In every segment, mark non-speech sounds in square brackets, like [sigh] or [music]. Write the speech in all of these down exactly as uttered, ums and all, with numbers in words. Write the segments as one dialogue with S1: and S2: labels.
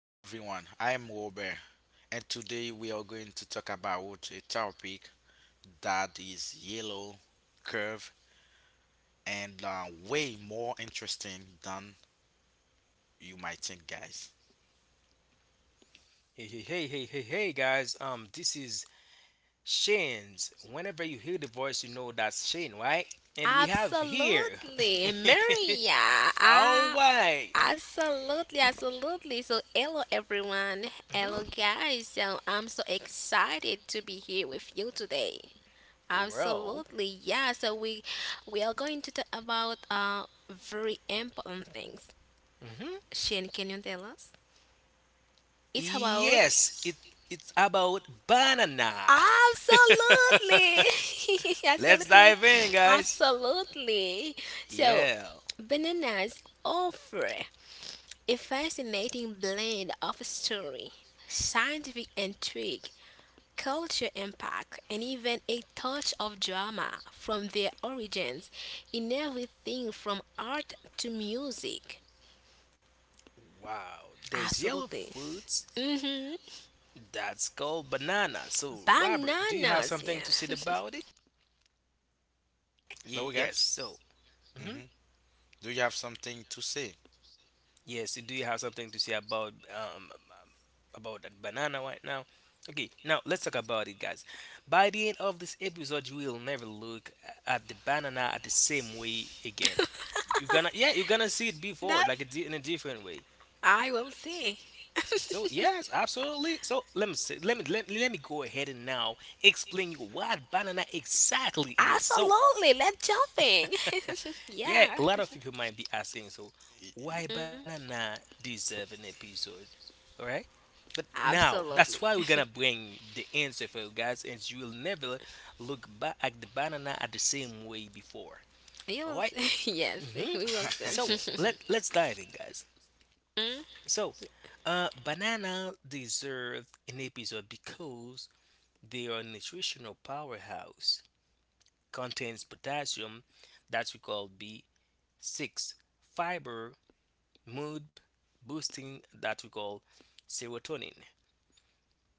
S1: everyone. I am Robert, and today we are going to talk about a topic that is yellow, curve, and uh, way more interesting than you might think, guys.
S2: Hey, hey, hey, hey, hey, hey, guys. Um, this is Shane's. Whenever you hear the voice, you know that's Shane, right? And we have here.
S3: Absolutely, Maria.
S2: [laughs]
S3: Ah,
S2: All right.
S3: absolutely, absolutely. So, hello everyone. Hello
S2: Mhm.
S3: guys. So, I'm so excited to be here with you today.
S2: Well,
S3: Absolutely, yeah. So we we are going to talk about uh very important things.
S2: hmm,
S3: Shane, can you tell us? It's about
S2: yes, it it's about banana. [laughs]
S3: absolutely, [laughs]
S2: Let's
S3: absolutely,
S2: dive
S1: Yeah.
S2: in, guys.
S3: absolutely. So,
S2: Yeah.
S3: bananas offer a fascinating blend of story, scientific intrigue, culture impact, and even a touch of drama from their origins in everything from art to music.
S2: Wow. There's yellow
S3: Absolutely.
S2: fruits
S3: Hmm
S2: that's called banana. So, Robert, do you have
S3: Bananas,
S2: something
S3: yeah.
S2: to say about it?
S1: Hello,
S2: Yes.
S1: guys.
S2: So. Mhm.
S1: hmm Do you have something to say?
S2: Yes, do you have something to say about um about that banana right now? Okay, now let's talk about it, guys. By the end of this episode, you will never look at the banana at the same way again. You're gonna, yeah, you're gonna see it
S3: [laughs]
S2: before like a
S3: That's,
S2: di- in a different way.
S3: I will say.
S2: So yes, absolutely. So let me say, let me let, let me go ahead and now explain you what banana exactly is. So
S3: Absolutely, let's jumping. [laughs]
S2: yeah,
S3: yeah.
S2: a lot of people might be asking, so
S1: Y- y-
S2: why
S3: Mm-hmm.
S2: banana deserve an episode? All right. But now, that's
S3: Absolutely.
S2: why we're
S3: [laughs]
S2: gonna bring the answer for you guys, and you will never look back at the banana at the same way before.
S3: you
S2: All
S3: will
S2: right.
S3: see. [laughs] Yes, we will
S2: So
S3: see.
S2: let let's dive in, guys.
S3: [laughs]
S2: So, uh, banana deserve an episode because they are a nutritional powerhouse. Contains potassium, that we call B six, fiber, mood boosting, that we call serotonin.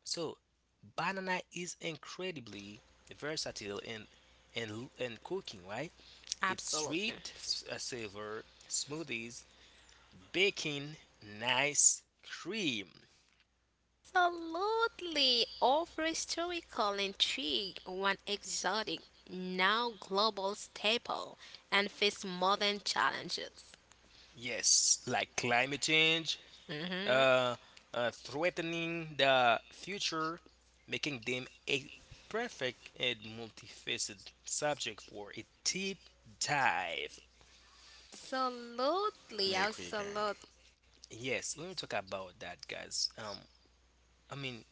S2: So banana is incredibly versatile in in in cooking, right? It's
S3: Absolutely.
S2: sweet, s- uh, savor, smoothies, baking, nice cream.
S3: Absolutely. Offer historical intrigue, one exotic, now global staple, and face modern challenges.
S2: Yes, like climate change,
S3: Hmm
S2: uh, uh, threatening the future, making them a perfect and multifaceted subject for a deep dive.
S3: Absolutely.
S1: I'm agree,
S3: Absolutely.
S1: guys.
S2: Yes, we're gonna talk about that, guys. Um, I mean,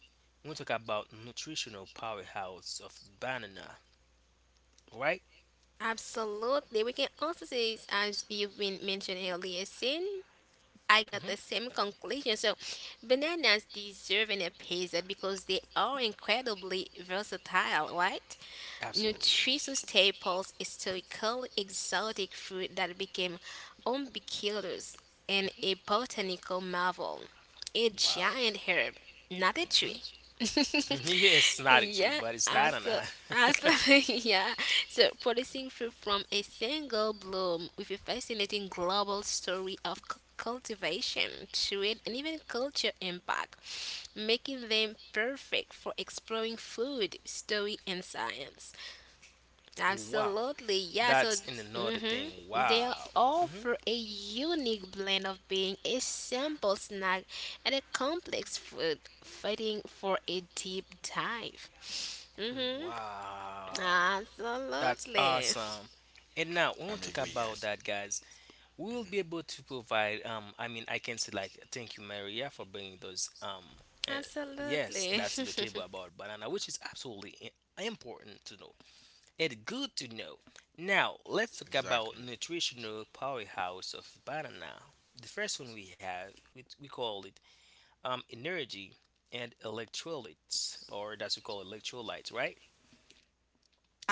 S2: we talk about nutritional powerhouse of banana, right?
S3: Absolutely. We can also say, this as you've been mentioned earlier, Sin, I got
S2: Hmm.
S3: the same conclusion. So, bananas deserve an episode because they are incredibly versatile, right?
S2: Absolutely.
S3: Nutritious staples, historical exotic fruit that became ubiquitous and a botanical marvel, a
S2: Mm-hmm. Wow.
S3: giant herb, not a
S2: Hmm.
S3: tree.
S2: [laughs] Yes, it's
S3: [laughs]
S2: not a tree,
S3: yeah,
S2: but it's
S3: also,
S2: banana. [laughs]
S3: also, [laughs] yeah. So, producing fruit from a single bloom with a fascinating global story of cu- cultivation, trade, and even culture impact, making them perfect for exploring food, story, and science.
S2: Wow.
S3: Absolutely, yeah. So,
S2: That's in another
S3: hmm
S2: thing.
S3: they
S2: Wow. Hmm.
S3: offer a unique blend of being a simple snack and a complex food, fighting for a deep dive. Hmm
S2: Wow. That's
S3: Absolutely,
S2: awesome. And now when we
S1: I'm
S2: talk
S1: agree,
S2: about
S1: guys.
S2: that, guys, we will be able to provide um I mean I can say like thank you Maria for bringing those um and yes
S3: absolutely,
S2: that's to the table about banana, which is absolutely i- important to know. It's good to know. Now let's talk about
S1: Exactly.
S2: nutritional powerhouse of banana. The first one we have, we, we call it um energy and electrolytes, or that's we call electrolytes, right?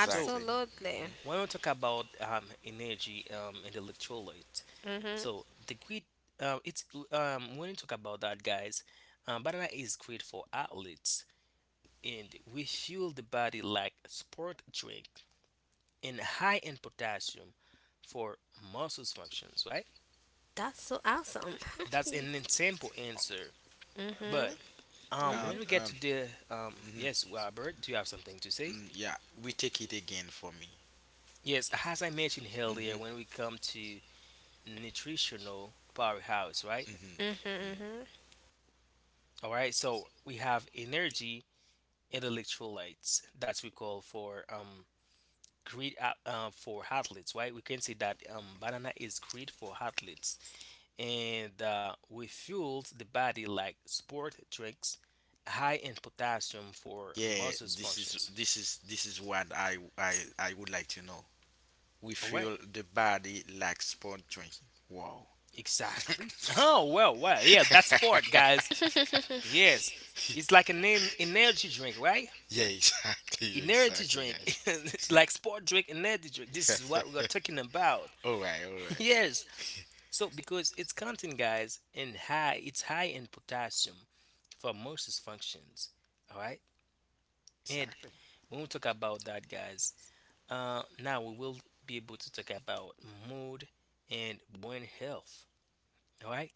S3: [laughs]
S2: So
S3: absolutely.
S1: hmm
S2: when we talk about um, energy um, and electrolytes.
S3: Hmm
S2: So the great, uh, it's um, when you talk about that, guys, um, banana is great for athletes, and we fuel the body like sport drink and high in potassium for muscles functions. Right?
S3: That's so awesome. [laughs]
S2: That's an simple answer. But
S3: hmm
S2: um,
S1: And
S2: when we
S3: hmm
S2: get
S1: um,
S2: to the um,
S1: mhm,
S2: yes, Robert, do you have something to say?
S1: mm, yeah, we take it again for me.
S2: Yes, as I mentioned earlier,
S1: hmm
S2: when we come to nutritional powerhouse, right?
S1: hmm
S3: hmm
S2: All right, so we have energy and electrolytes that we call for um great a- uh, for athletes, right? We can say that um banana is great for athletes and uh, we fuels the body like sport drinks, high in potassium for
S1: Yeah,
S2: muscles
S1: this is
S2: functions.
S1: this is this is what I I I would like to know. We
S2: All right,
S1: feel the body like sport drinking. Wow. [laughs]
S2: exactly. Oh, well well yeah, that's sport, guys.
S3: [laughs] hmm
S2: Yes, it's like an en- energy drink, right?
S1: Yeah, exactly,
S2: Energy
S1: exactly,
S2: drink. [laughs]
S1: guys.
S2: It's like sport drink, energy drink, this is
S1: [laughs]
S2: what we are talking about.
S1: All right, all
S2: [laughs]
S1: right.
S2: Yes. So because its content, guys, and high, it's high in potassium for most its functions. All right, and
S1: Exactly,
S2: when we talk about that, guys, uh, now we will be able to talk about mood and brain health. All right.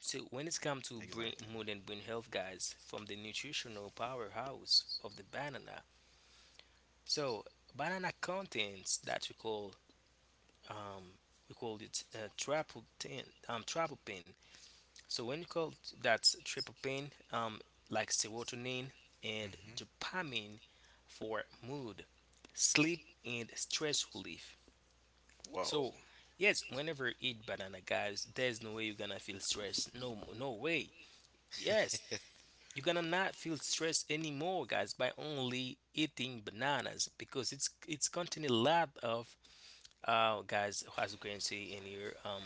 S2: So when it's come to brain,
S1: exactly.
S2: mood and brain health, guys, from the nutritional powerhouse of the banana. So banana contains that we call um, we call it uh, tryptophan, um, tryptophan. So when you call t- that's tryptophan, um, like serotonin and
S1: Mhm.
S2: dopamine for mood, sleep, and stress relief.
S1: Wow.
S2: So yes, whenever you eat banana, guys, there's no way you're gonna feel stress. No, no way. Yes, you're gonna not feel stress anymore, guys, by only eating bananas because it's it's contain a lot of uh guys as you can see in here um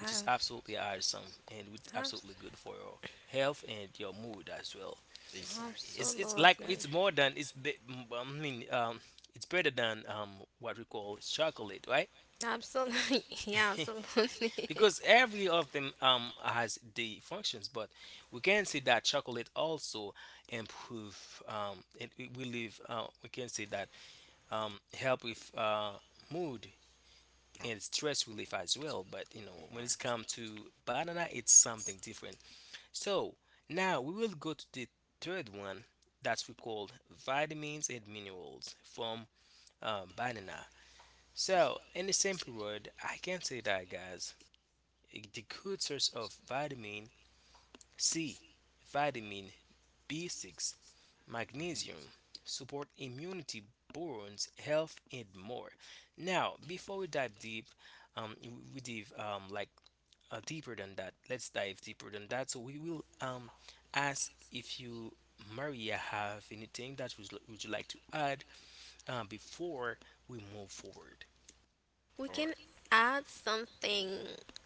S2: which is
S3: Ab-
S2: absolutely awesome and with-
S3: abs-
S2: absolutely good for your health and your mood as well.
S1: Exactly.
S2: It's it's like
S3: Absolutely.
S2: it's more than it's be, m- I mean um it's better than um what we call chocolate, right?
S3: Absolutely. [laughs] Yeah,
S2: [laughs]
S3: absolutely. [laughs]
S2: Because every of them um has the functions, but we can see that chocolate also improve um it, it we live uh, we can say that um help with uh mood and stress relief as well. But you know,
S1: All
S2: when it's
S1: right.
S2: come to banana, it's something different. So now we will go to the third one, that we call vitamins and minerals from um, banana. So in the same period, I can say that, guys, eh, the good source of vitamin C, vitamin B six,
S1: Mhm.
S2: magnesium, support immunity, bones health, and more. Now before we dive deep, um, we we dive um, like uh, deeper than that. Let's dive deeper than that. So we will um ask if you, Maria, have anything that would, would you like to add uh, before we move forward.
S3: We
S1: All
S3: can
S1: right.
S3: add something,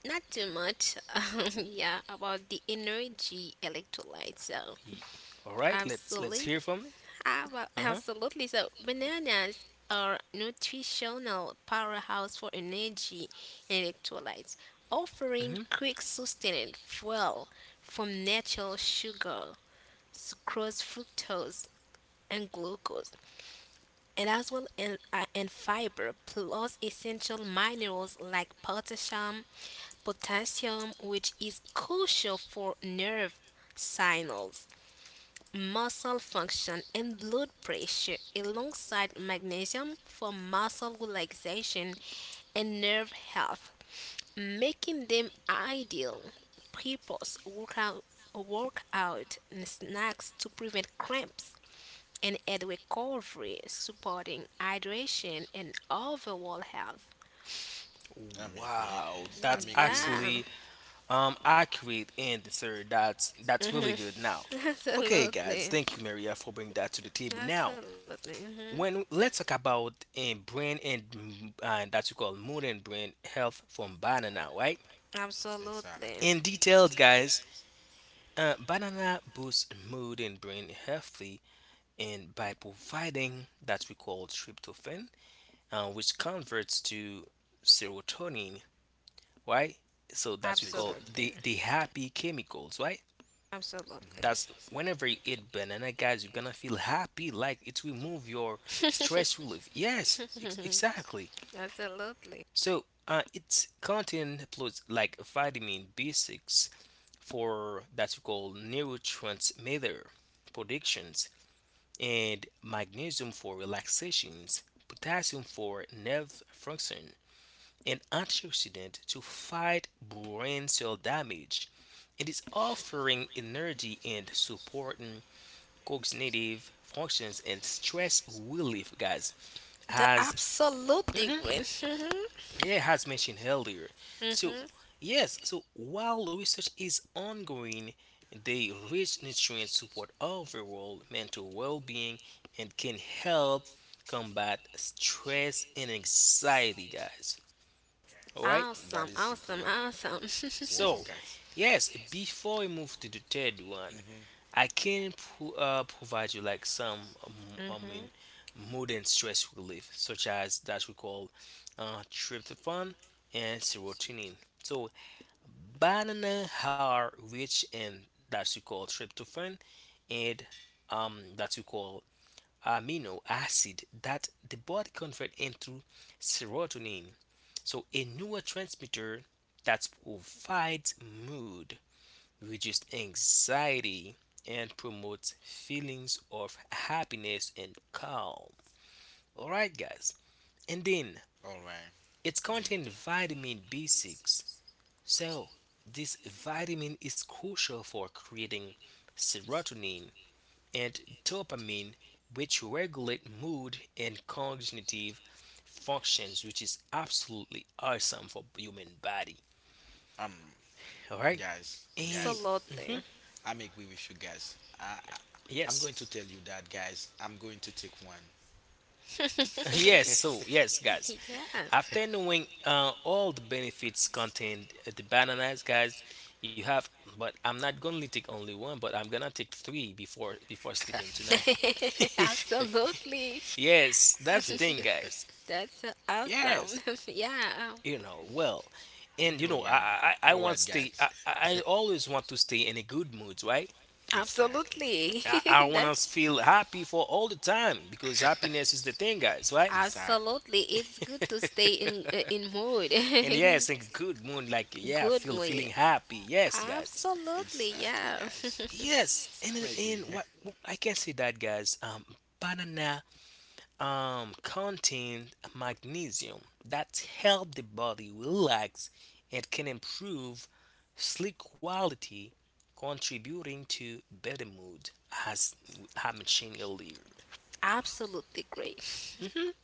S3: not too much. [laughs] Um, yeah, about the energy electrolytes. So,
S2: He, all right, let's let's
S3: absolutely.
S2: hear from it.
S3: how about-
S2: Uh huh.
S3: Absolutely. So, bananas are nutritional powerhouse for energy and electrolytes, offering
S2: Hmm.
S3: quick sustained fuel from natural sugar, sucrose, fructose, and glucose, and as well in, uh, in fiber plus essential minerals like potassium, potassium, which is crucial for nerve signals, muscle function, and blood pressure, alongside magnesium for muscle relaxation and nerve health, making them ideal purpose workout workout snacks to prevent cramps and aid recovery, supporting hydration and overall health.
S1: I'm agree,
S2: Wow,
S1: guys.
S2: that's
S1: I'm agree,
S3: Yeah,
S2: actually
S1: Marian.
S2: um accurate answer. That's that's really
S3: mhm.
S2: good. Now,
S3: [laughs]
S2: okay, guys,
S3: absolutely,
S2: thank you, Maria, for bringing that to the table. Now,
S3: absolutely, mhm.
S2: when let's talk about a brain and mm, uh, that you call modern brain health from banana, right?
S1: Exactly,
S3: Absolutely,
S2: In details, guys, uh, banana boosts mood and brain healthy and by providing that we call tryptophan, uh, which converts to serotonin, right? So that we call
S1: exactly.
S3: absolutely,
S2: the the happy chemicals, right?
S3: absolutely,
S2: That's
S1: Mhm.
S2: whenever you eat banana, guys, you're gonna feel happy. Like it will move your stress
S3: [laughs]
S2: relief, yes, ex- exactly.
S3: absolutely.
S2: So uh, its content includes like vitamin B six for that we call neurotransmitter productions, and magnesium for relaxations, potassium for nerve function, and antioxidant to fight brain cell damage. It is offering energy and supporting cognitive functions and stress relief, guys.
S3: The
S2: As,
S3: absolutely green.
S2: mhm,
S3: Mhm.
S2: yeah, has mentioned earlier. So,
S3: Mhm.
S2: yes, so while research is ongoing, the rich nutrients support overall mental well being and can help combat stress and anxiety, guys. Alright?
S1: That
S3: Awesome,
S1: is
S3: awesome,
S1: good.
S3: awesome. [laughs]
S1: Wow,
S2: So,
S1: guys.
S2: yes, before we move to the third one,
S1: Mhm.
S2: I can pro- uh, provide you like some, um, I
S3: Mhm.
S2: mean, mood and stress relief, such as that we call uh, tryptophan and serotonin. So banana are rich in that you call tryptophan and um, that you call amino acid that the body convert into serotonin. So a neurotransmitter that provides mood, reduces anxiety, and promotes feelings of happiness and calm. All right, guys. And then
S1: All right.
S2: it's
S1: Mhm.
S2: contains vitamin B six. So, this vitamin is crucial for creating serotonin and dopamine, which regulate mood and cognitive functions, which is absolutely awesome for human body.
S1: Um.
S2: All right,
S1: Guys,
S2: and
S1: guys
S2: mhm,
S3: Absolutely.
S1: i'm agree with you guys. i I- i'm
S2: yes.
S1: going
S2: [laughs]
S1: to tell you that, guys. I'm going to take one.
S2: Yes, so yes, guys.
S3: [laughs] yeah.
S2: After knowing uh, all the benefits contained at the bananas, guys, you have. But I'm not gonna take only one, but I'm gonna take three before before sleeping tonight.
S3: [laughs]
S2: [laughs]
S3: Absolutely.
S2: Yes, that's the thing,
S1: [laughs]
S2: guys.
S3: [laughs] That's uh, awesome.
S2: Yes,
S3: [laughs] yeah,
S2: you know, well, and you
S1: You're
S2: know, I
S1: right.
S2: I, I I
S1: you're
S2: want
S1: right
S2: to stay.
S1: guys.
S2: I, I
S1: [laughs]
S2: I always want to stay in a good mood, right?
S1: Exactly.
S3: absolutely.
S2: I, I
S3: [laughs]
S2: want to
S3: That's
S2: feel happy for all the time, because
S1: [laughs]
S2: happiness is the thing, guys, right?
S1: exactly
S3: absolutely. It's
S2: [laughs]
S3: good to stay in uh, in mood.
S2: And yes, in good mood, like
S3: [laughs]
S2: yeah,
S3: Good
S2: feel
S3: mood.
S2: feeling happy. Yes, guys.
S3: Absolutely.
S1: exactly
S3: Yeah.
S1: guys.
S2: Yes, and
S1: I'm agree.
S2: and
S1: [laughs]
S2: what I can say that, guys. Um, banana um, contain magnesium that help the body relax and can improve sleep quality, contributing to better mood, as I mentioned earlier.
S3: [laughs] absolutely great.
S2: Mhm.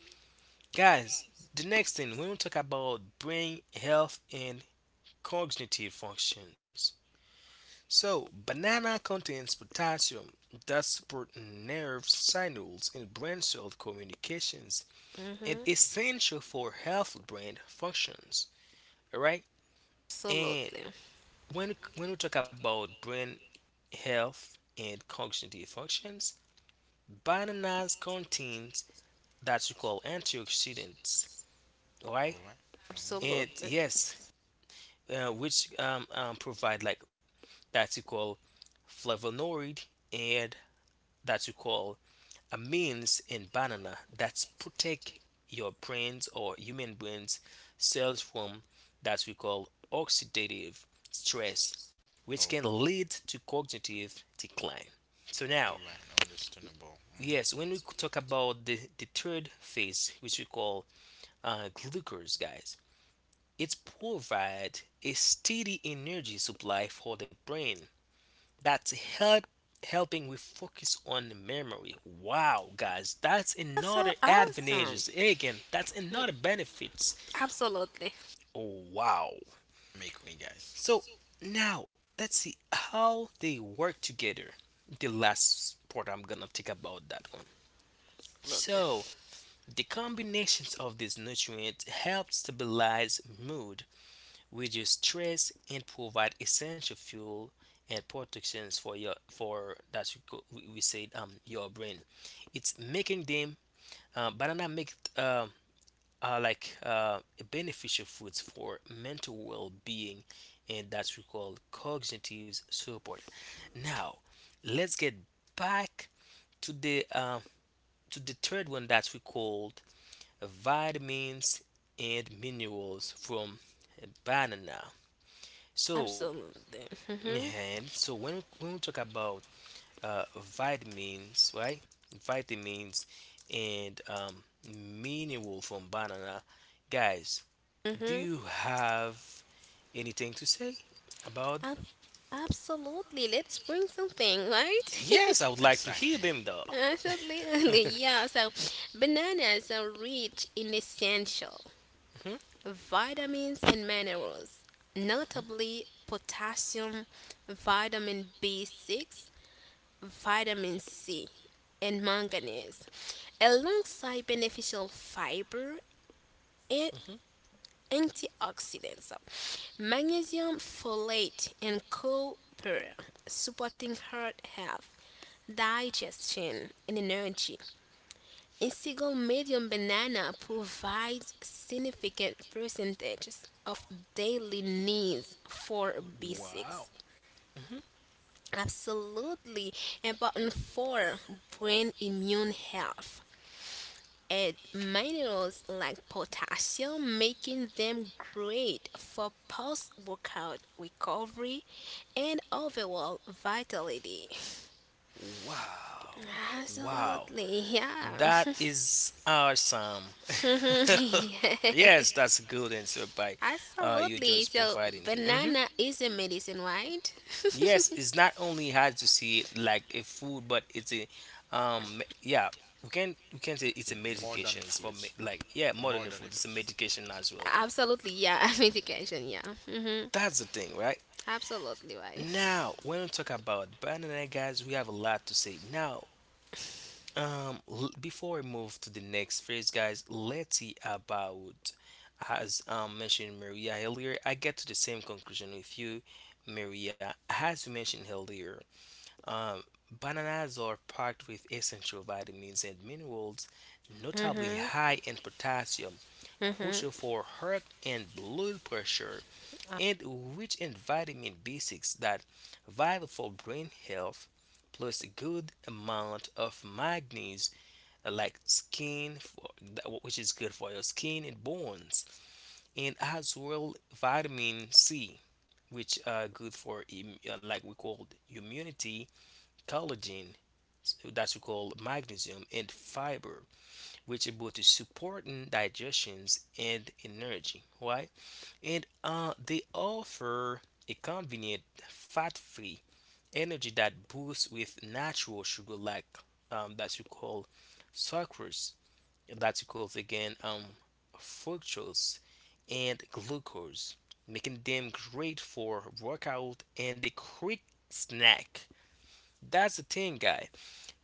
S2: Guys, the next thing we will talk about brain health and cognitive functions. So, banana contains potassium that support nerve signals and brain cell communications, and
S3: Mm-hmm.
S2: essential for healthy brain functions. All right, and
S3: Absolutely.
S2: when when we talk about brain health and cognitive functions, bananas contains that we call antioxidants. All
S1: All
S2: right,
S1: right. Mm-hmm.
S2: and
S3: Absolutely.
S2: yes, uh, which um, um, provide like that you call flavonoid and that you call a means in banana that's protect your brains or human brains cells from that we call oxidative stress,
S1: All
S2: which can lead to cognitive decline. So now
S1: right, understandable. Mm-hmm.
S2: yes, when we talk about the, the third phase, which we call uh, glucose, guys, it provides a steady energy supply for the brain. That's help helping with focus on the memory. Wow, guys, that's
S3: That's so
S2: another
S3: awesome.
S2: advantages. Hey, again, that's
S3: Mm,
S2: another benefits.
S3: absolutely.
S2: Oh, wow.
S1: I'm agree, guys.
S2: So now let's see how they work together. The last part I'm gonna talk about that one.
S3: Absolutely.
S2: So the combinations of these nutrients help stabilize mood, reduce stress, and provide essential fuel and protections for your for that we we we said um your brain. It's making them uh, banana make uh, uh, like uh, beneficial foods for mental well-being, and that's we call cognitive support. Now, let's get back to the uh, to the third one that we called vitamins and minerals from banana. So
S3: Absolutely. Mm-hmm.
S2: yeah, and so when when we talk about uh, vitamins, right? Vitamins and um, mineral from banana, guys, do
S3: Mm-hmm.
S2: you have anything to say about it?
S3: Ab- Absolutely. Let's bring something, right? [laughs]
S2: Yes, I would like to hear
S1: Exactly.
S2: them though. [laughs]
S3: Absolutely, [laughs] yeah. So, bananas are rich in essential
S2: Mhm.
S3: vitamins and minerals, notably potassium, vitamin B six, vitamin C, and manganese, alongside beneficial fiber and
S2: Mhm.
S3: antioxidants. So, magnesium folate, and copper, supporting heart health digestion and energy. A single medium banana provides significant percentages of daily needs for
S2: Wow.
S3: B six.
S2: Mhm.
S3: Absolutely important for brain immune health. Add minerals like potassium, making them great for post workout recovery and overall vitality.
S2: Wow. Wow.
S3: Absolutely, yeah.
S2: That is awesome.
S3: [laughs] Yeah.
S2: [laughs] Yes, that's a good answer by uh, you
S3: Absolutely.
S2: just
S3: So
S2: providing here. Mhm.
S3: banana is a medicine, right?
S2: Yes, it's not only hard to see it like a food, but it's a um yeah, we can we can say it's a
S1: More than
S2: medications for me,
S1: fruits,
S2: like yeah,
S1: more
S2: modern
S1: than a
S2: food, it's a
S1: fruit.
S2: medication as
S3: [laughs]
S2: well.
S3: Absolutely. Yeah. [laughs] Medication. Yeah. hmm
S2: That's the thing, right?
S3: Absolutely right.
S2: Now when we talk about banana, guys, we have a lot to say. Now Um, l- before we move to the next phase, guys, let's see about as um mentioned Maria earlier. I get to the same conclusion with you, Maria. As you mentioned earlier, um, bananas are packed with essential vitamins and minerals, notably
S3: hmm
S2: high in potassium,
S3: hmm
S2: crucial for heart and blood pressure, and rich in vitamin B six that vital for brain health, plus a good amount of magnesium, uh, like skin, for, which is good for your skin and bones, and as well vitamin C, which are good for im- uh, like we call immunity, collagen, s- that we call magnesium, and fiber, which are both to support in digestions and energy, right? And uh, they offer a convenient fat-free energy that boosts with natural sugar like, um, that you call sucrose, that's equals again um fructose and glucose, making them great for workout and a quick snack. That's the thing, guys.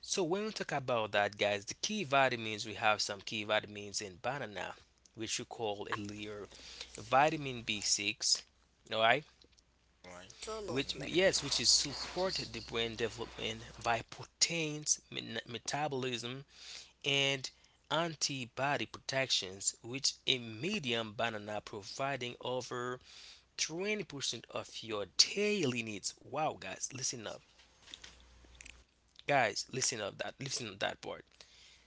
S2: So when we talk about that, guys, the key vitamins, we have some key vitamins in banana, which we call a layer vitamin B six. All right,
S1: All right.
S3: Absolutely.
S2: which
S1: Mm-hmm.
S2: yes, which is support the brain development by proteins metabolism and antibody protections, which a medium banana providing over twenty percent of your daily needs. Wow, guys, listen up. Guys, listen up, that listen to that part.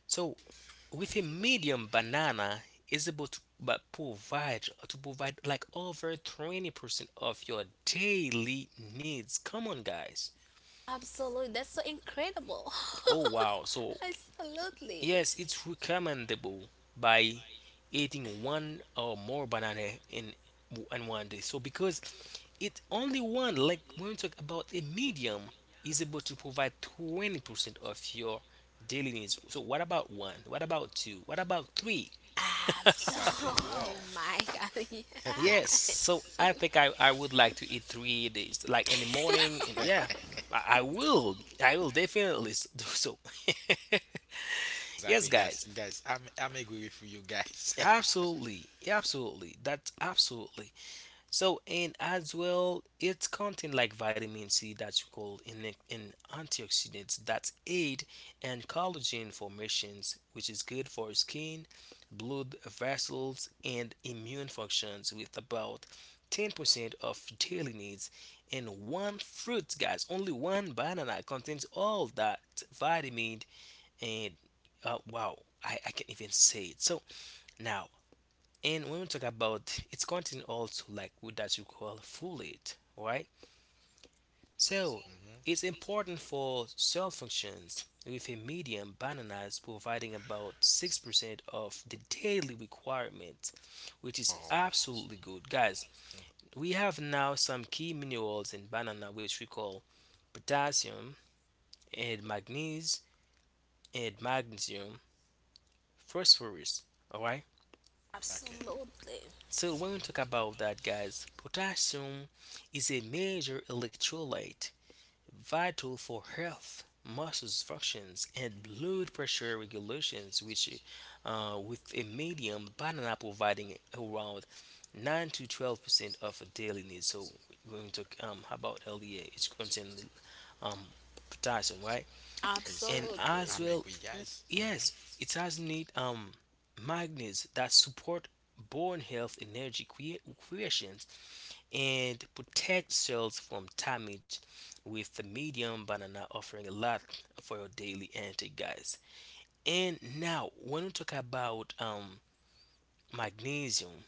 S2: So, with a medium banana is able to but provide to provide like over twenty percent of your daily needs. Come on, guys.
S3: Absolutely. That's so incredible.
S2: Oh wow. So,
S3: [laughs] Absolutely.
S2: yes, it's recommendable by eating one or more banana in in one day. So because it only one, like when we talk about a medium, is able to provide twenty percent of your daily needs. So what about one? What about two? What about three? [laughs]
S1: Exactly,
S3: Absolutely. Oh
S1: wow.
S3: my God. [laughs]
S2: Yes, so
S3: Yes.
S2: I
S3: [laughs]
S2: think I, I would like to eat three days, like in the morning, and
S1: [laughs]
S2: yeah, I, I will, I will definitely s- do so. [laughs] Yes,
S1: Exactly, guys.
S2: guys.
S1: Guys, I'm I'm agree with you, guys. [laughs]
S2: Absolutely, absolutely. That's absolutely. So, and as well, it's content like vitamin C that's called in, in antioxidants that aid and collagen formations, which is good for skin, blood vessels, and immune functions. With about ten percent of daily needs, and one fruit, guys, only one banana contains all that vitamin and uh, wow, I, I can't even say it. So now, and when we talk about its content also like what that you call folate, right? So
S1: hmm
S2: it's important for cell functions with a medium bananas providing about six percent of the daily requirement, which is
S1: Oh,
S2: absolutely good. Guys, we have now some key minerals in banana which we call potassium and magnesium, and magnesium phosphorus, all right?
S1: okay.
S3: Absolutely.
S2: So when we talk about
S1: hmm
S2: that, guys, potassium is a major electrolyte vital for health, muscles functions, and blood pressure regulations, which uh, with a medium banana providing around nine to twelve percent of daily needs. So when we talk um, about L D A, it's contains um, potassium, right? And
S1: Exactly.
S3: Absolutely.
S2: as
S1: I'm
S2: well,
S1: agree, guys. hmm
S2: yes, it has need um magnets that support bone health, energy crea- creations, and protect cells from damage, with the medium banana offering a lot for your daily intake, guys. And now when we talk about um magnesium,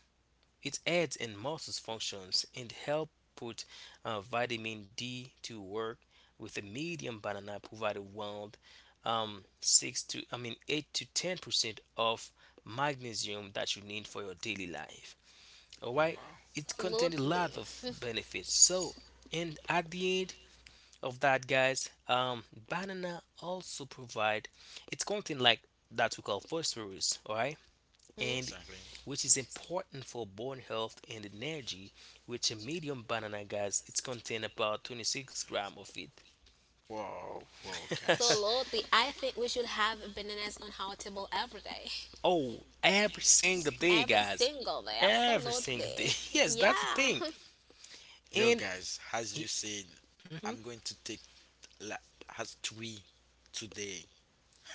S2: it aids in muscle functions and help put uh, vitamin D to work, with a medium banana provide around um, six to I mean eight to ten percent of magnesium that you need for your daily life. All
S1: Wow.
S2: right, it contains a lot
S3: Absolutely.
S2: of benefits. So, and at the end of that, guys, um, banana also provide it's content like that we call phosphorus. All right, and
S3: Mhm.
S1: Exactly.
S2: which is important for bone health and energy, which a medium banana, guys, it's contain about twenty-six gram of it.
S1: Whoa, whoa, guys.
S3: Absolutely. I think we should have bananas on our table every day.
S2: Oh, every single day,
S3: Every
S2: guys,
S3: single day.
S2: every single day.
S3: Absolutely.
S2: [laughs] Yes, that's the
S3: Yeah.
S2: thing.
S3: [laughs]
S1: Yo
S2: And
S1: guys, as you said, I'm
S2: mm-hmm.
S1: going to take la, has three today.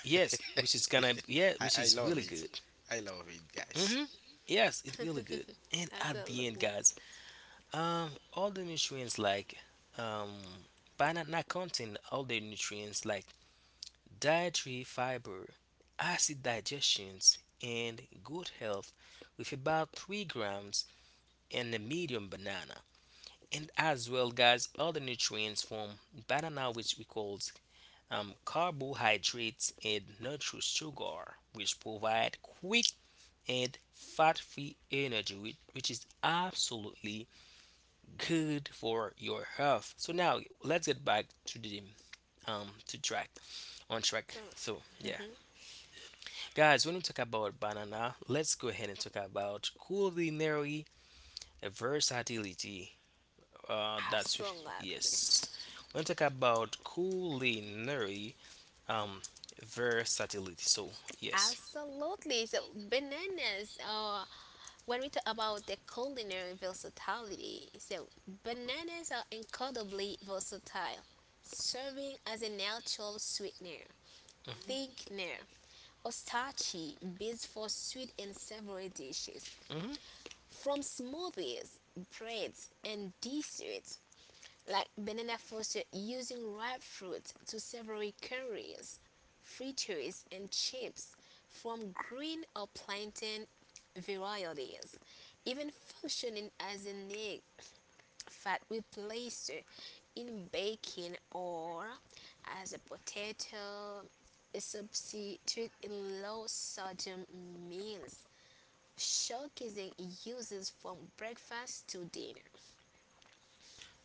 S2: Yes, which is gonna,
S1: [laughs]
S2: yeah,
S1: I I
S2: which is
S1: love
S2: really
S1: it.
S2: good.
S1: I love it, guys.
S2: Hmm. Yes, it's really good. And at the end,
S3: Absolutely.
S2: guys, um all the nutrients like um banana contain all the nutrients like dietary fiber, acid digestions, and good health with about three grams in a medium banana. And as well, guys, other nutrients from banana, which we call um, carbohydrates and natural sugar, which provide quick and fat-free energy, which, which is absolutely good for your health. So now let's get back to the um to track on track. So yeah. Guys, when we talk about banana, let's go ahead and talk about culinary versatility. Uh, that's
S3: Absolutely.
S2: yes. When we talk about culinary um versatility, so yes.
S3: Absolutely. So bananas Uh, when we talk about the culinary versatility, so bananas are incredibly versatile, serving as a natural sweetener,
S2: Hmm.
S3: thickener, or starchy base for sweet and savory dishes,
S2: Hmm.
S3: from smoothies, breads, and desserts like Banana Foster using ripe fruit to savory curries, fritters, and chips from green or plantain varieties, even functioning as an egg fat replacer in baking or as a potato substitute in low sodium meals, showcasing uses from breakfast to dinner.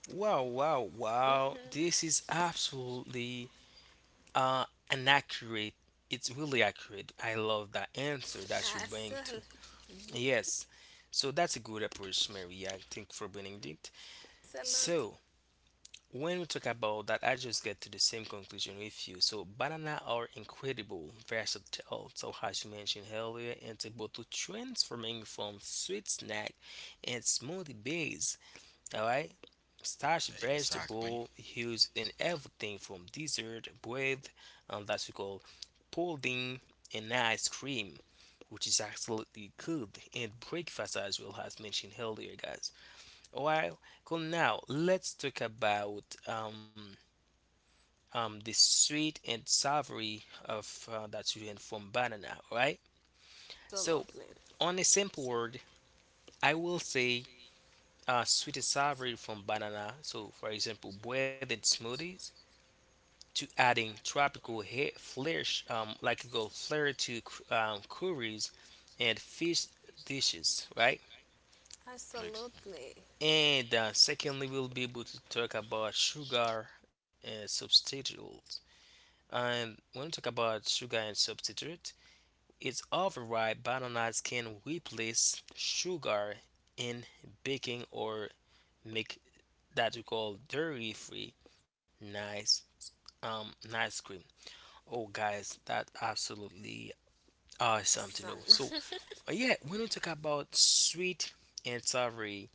S2: Wow, wow, wow. This is absolutely uh an accurate. It's really accurate. I love that answer that you
S3: [laughs]
S2: bring to.
S3: Absolutely.
S2: Yes. So that's a good approach, Mary. I think for bringing it. So, when we talk about that, I just get to the same conclusion with you. So banana are incredible, versatile. So as you mentioned earlier, it's able to transforming from sweet snack and smoothie base. All right, starch
S1: Exactly.
S2: vegetable used in everything from dessert, bread, um, that's we call pudding and ice cream, which is absolutely good, and breakfast as well as mentioned earlier, guys. Well, cool. Now let's talk about um um the sweet and savory of uh, that's you from banana, right? So
S3: Absolutely.
S2: on a simple word, I will say uh, sweet and savory from banana. So for example, breaded smoothies to adding tropical hair flash um like you go flair to cr- um, curries and fish dishes, right?
S1: Ex-
S3: Absolutely.
S2: And uh, secondly, we'll be able to talk about sugar uh, substitutes. And when we talk about sugar and substitute, it's often why bananas can replace sugar in baking or make that we call dairy-free nice um nice cream. Oh guys, that absolutely awesome to know.
S3: Awesome.
S2: So uh, yeah, when we talk about sweet and savory,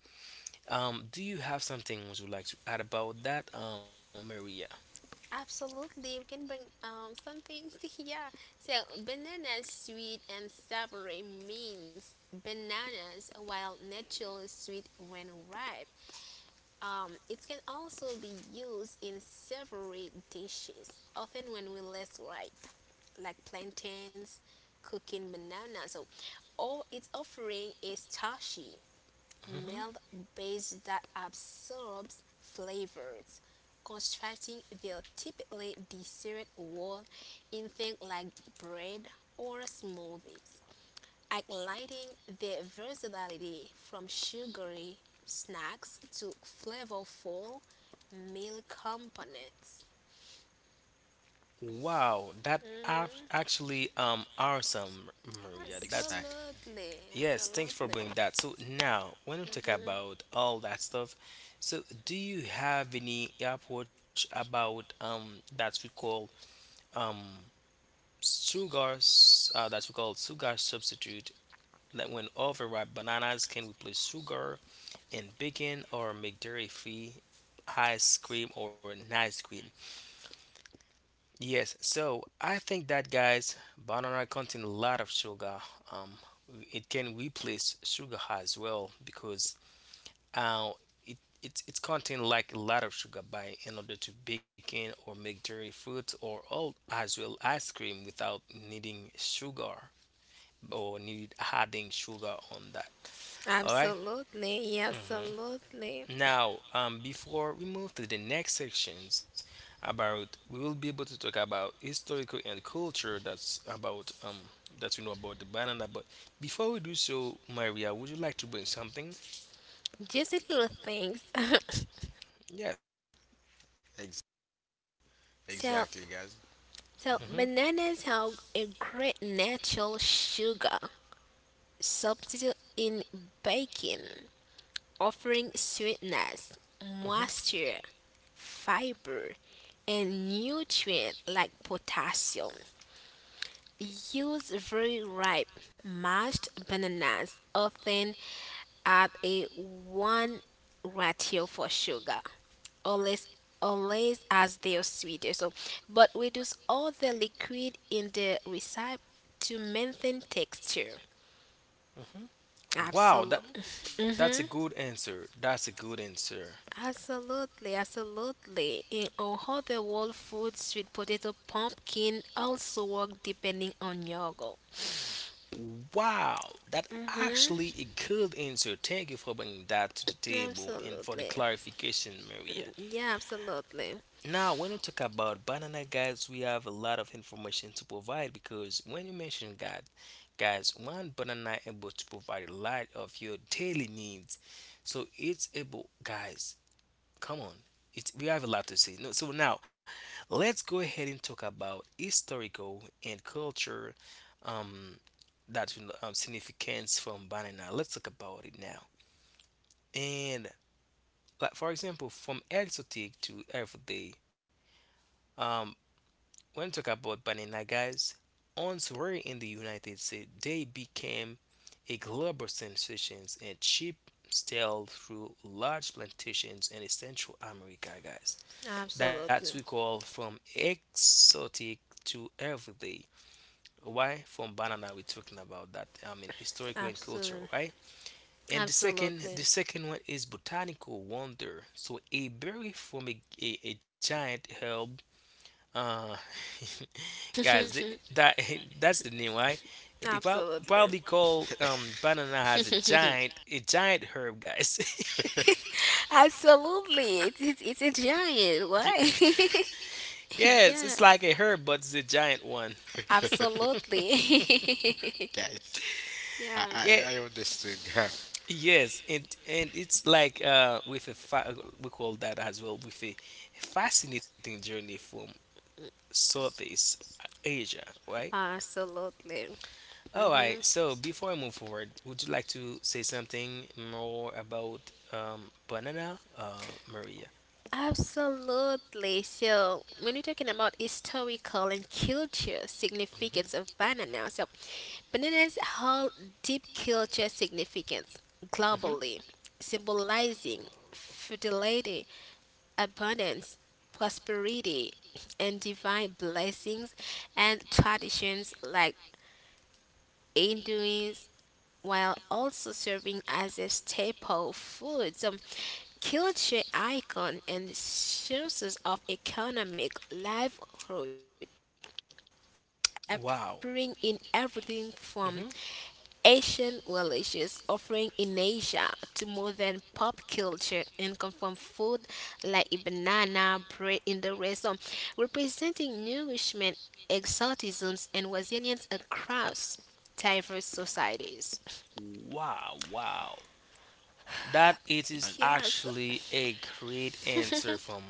S2: um, do you have something would you like to add about that, um, Maria?
S3: [laughs] Absolutely. We can bring um something. [laughs] yeah. So banana sweet and savory means bananas while naturally sweet when ripe. Um, it can also be used in savory dishes, often when we're less ripe, like plantains, cooking bananas. So, or it's offering is starchy milk
S2: Mm-hmm.
S3: base that absorbs flavors, constructing their typically dessert wall in things like bread or smoothies, highlighting their versatility from sugary snacks to flavorful meal components.
S2: Wow, that act-
S3: Mhm,
S2: actually um awesome, Maria. That's
S1: Exactly.
S3: absolutely,
S2: yes, thanks for
S3: absolutely.
S2: bringing that. So now, when we talk about all that stuff, so do you have any approach about um that we call um sugar s- uh, that we call sugar substitute, that when overripe bananas can replace sugar and bacon or make dairy free ice cream or an ice cream? Yes, so I think that guys, banana contain a lot of sugar. Um, it can replace sugar as well because uh, it it it contain like a lot of sugar by in order to bake in or make dairy fruit or all as well ice cream without needing sugar or need adding sugar on that. All right?
S3: Absolutely, yeah,
S2: Mm-hmm.
S3: absolutely.
S2: Now, um, before we move to the next sections about, we will be able to talk about historical and culture. That's about um that we know about the banana. But before we do so, Maria, would you like to bring something?
S3: Just little things. [laughs]
S2: Yes.
S1: Ex-
S3: So,
S1: Exactly, guys.
S3: so
S2: Mhm.
S3: bananas have a great natural sugar substitute in baking, offering sweetness,
S2: Mhm.
S3: moisture, fiber, and nutrients like potassium. Use very ripe mashed bananas often at a one ratio for sugar, always always as their sweeter. So, but reduce all the liquid in the recipe to maintain texture.
S2: Mhm. Wow. That
S3: Absolutely,
S2: that's a good answer. That's a good answer.
S3: absolutely, absolutely. In all the world food, sweet potato, pumpkin also work depending on your goal.
S2: Wow, that
S3: Mm-hmm.
S2: actually a good answer. Thank you for bringing that to the table and for
S3: Absolutely.
S2: the clarification,
S3: Mm,
S2: Maria.
S3: yeah, absolutely.
S2: Now, when we talk about banana, guys, we have a lot of information to provide because when you mention God, guys, one banana able to provide a lot of your daily needs. So it's able, guys. Come on, it's we have a lot to say. No, so now, let's go ahead and talk about historical and culture, um, that um, significance from banana. Let's talk about it now. And like for example, from exotic to everyday. Um, When we talk about banana, guys, answer in the United States, they became a global sensation and cheap stale through large plantations in Central America, guys. That's we
S3: Absolutely.
S2: call from exotic to everyday. Why? From banana we're talking about that. I mean historical and
S3: Absolutely.
S2: cultural, right? And the
S3: Absolutely.
S2: second the second one is botanical wonder. So a berry from a, a, a giant herb uh [laughs] guys th-
S3: [laughs]
S2: that [laughs] that's the name, right? They prob-
S3: Absolutely.
S2: probably called um banana has a giant a giant herb, guys. [laughs]
S3: Absolutely. It's, it's, it's a giant. Why?
S2: Ye-
S3: [laughs]
S2: yes,
S3: yeah.
S2: it's like a herb but it's a giant one. [laughs]
S3: Absolutely. [laughs]
S1: Guys, I
S3: yeah.
S1: I,
S2: Yeah,
S1: I understood. [laughs] Guy.
S2: yes, and and it's like uh with a fa- we call that as well with a fascinating journey from Southeast Asia, right?
S3: Absolutely.
S2: All
S3: Hmm
S2: right. So before I move forward, would you like to say something more about um, banana, uh, Maria?
S3: Absolutely. So, when we're talking about historical and culture significance of
S2: Hmm.
S3: banana, so bananas hold deep culture significance
S2: Hmm.
S3: globally, symbolizing fertility, abundance, prosperity, and divine blessings and traditions like Hinduism, while also serving as a staple food, um, culture icon, and sources of economic livelihood appearing
S2: Wow.
S3: in everything from
S2: Hmm.
S3: Asian religious offering in Asia to modern pop culture and comfort food like a banana, bread in the rest, so representing nourishment, exotisms, and resilience across diverse societies.
S2: Wow. Wow. That it is actually
S3: Yes,
S2: a great answer from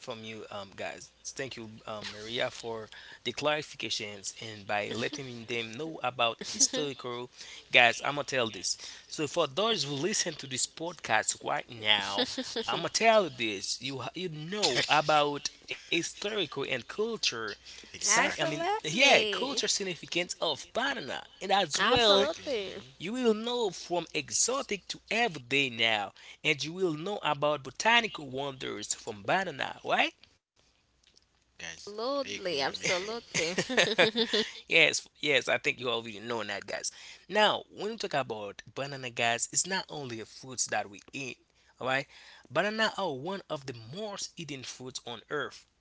S2: from you, um, guys. Thank you, um, Maria, for the clarifications and by letting them know about historical, guys. I'm gonna tell this. So for those who listen to this podcast right now, I'm gonna tell you this. You ha- you know about historical and culture. Sci- I mean,
S1: Exactly.
S2: yeah, culture significance
S3: absolutely.
S2: of Panama, and as well
S1: Exactly. hmm
S2: you will
S3: Absolutely.
S2: know from exotic to everyday now, and you will know about botanical wonders from banana, right?
S1: Guys, I agree. I'm
S3: Absolutely,
S1: agreeing.
S3: absolutely.
S2: [laughs] yes, yes, I think you already know that, guys. Now, when we talk about banana, guys, it's not only a fruit that we eat, alright? Banana are one of the most eaten fruits on earth,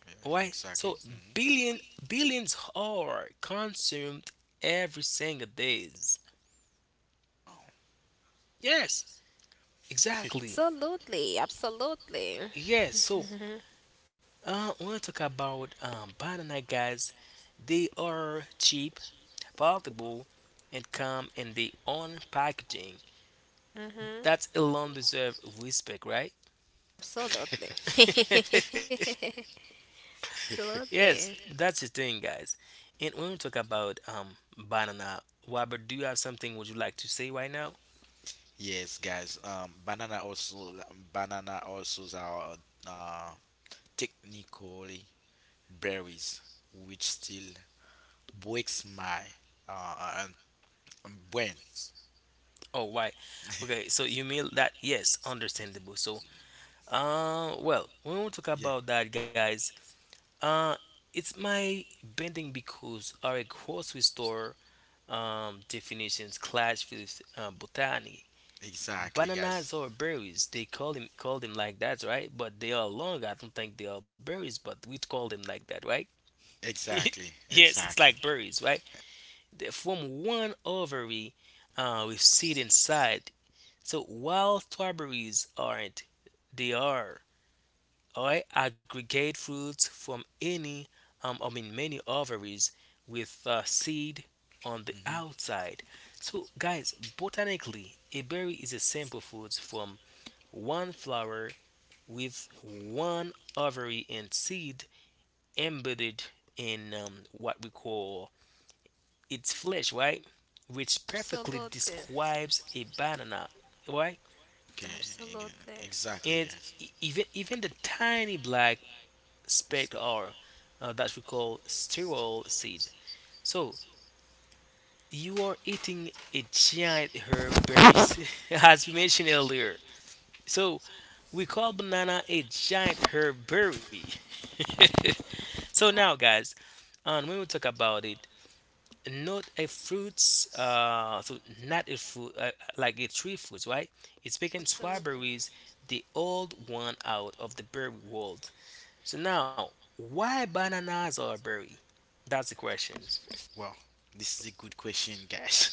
S1: Yeah,
S2: alright?
S1: exactly.
S2: So,
S1: hmm
S2: billion, billions are consumed every single days. Yes,
S3: [laughs]
S2: exactly.
S3: absolutely, absolutely.
S2: Yes, so Uh, I want to talk about um, banana guys. They are cheap, portable, and come in their own packaging. That alone deserve respect, right?
S3: Absolutely. [laughs]
S1: [laughs]
S2: [laughs] yes,
S3: Absolutely.
S2: that's the thing, guys. And when we talk about um, banana, Robert, do you have something would you like to say right now?
S1: Yes, guys. Um, banana also, banana also are uh technically berries, which still breaks my uh, uh, um, brain.
S2: Oh, why? Okay, so you mean that? Yes, understandable. So, uh, well, when we talk
S1: Yeah,
S2: about that, guys, Uh, it's my bending because our grocery store um, definitions clash with uh, botany.
S1: exactly, guys.
S2: Bananas or berries, they call them call them like that, right? But they are long. I don't think they are berries, but we call them like that, right? [laughs]
S1: Exactly,
S2: yes, it's like
S1: exactly.
S2: berries, right? They form one ovary uh, with seed inside. So while strawberries aren't, they are. I aggregate fruits from any, um, I mean, many ovaries with uh, seed on the
S1: hmm
S2: outside. So, guys, botanically, a berry is a simple fruit from one flower with one ovary and seed embedded in um, what we call its flesh, right? Which perfectly
S3: Absolutely.
S2: describes a banana, right?
S1: Okay, eg-
S3: Absolutely.
S1: exactly,
S2: and
S1: guys.
S2: e- even even the tiny black speck or uh, that we call sterol seed. So you are eating a giant herb berries, [laughs] as we mentioned earlier. So we call banana a giant herb berry. [laughs] so now, guys, and when we talk about it, not a fruits, uh, so not a fruit uh, like a tree fruits, right? It's picking
S3: Absolutely.
S2: strawberries, the old one out of the berry world. So now, why bananas are a berry? That's the questions.
S1: Well, this is a good question, guys.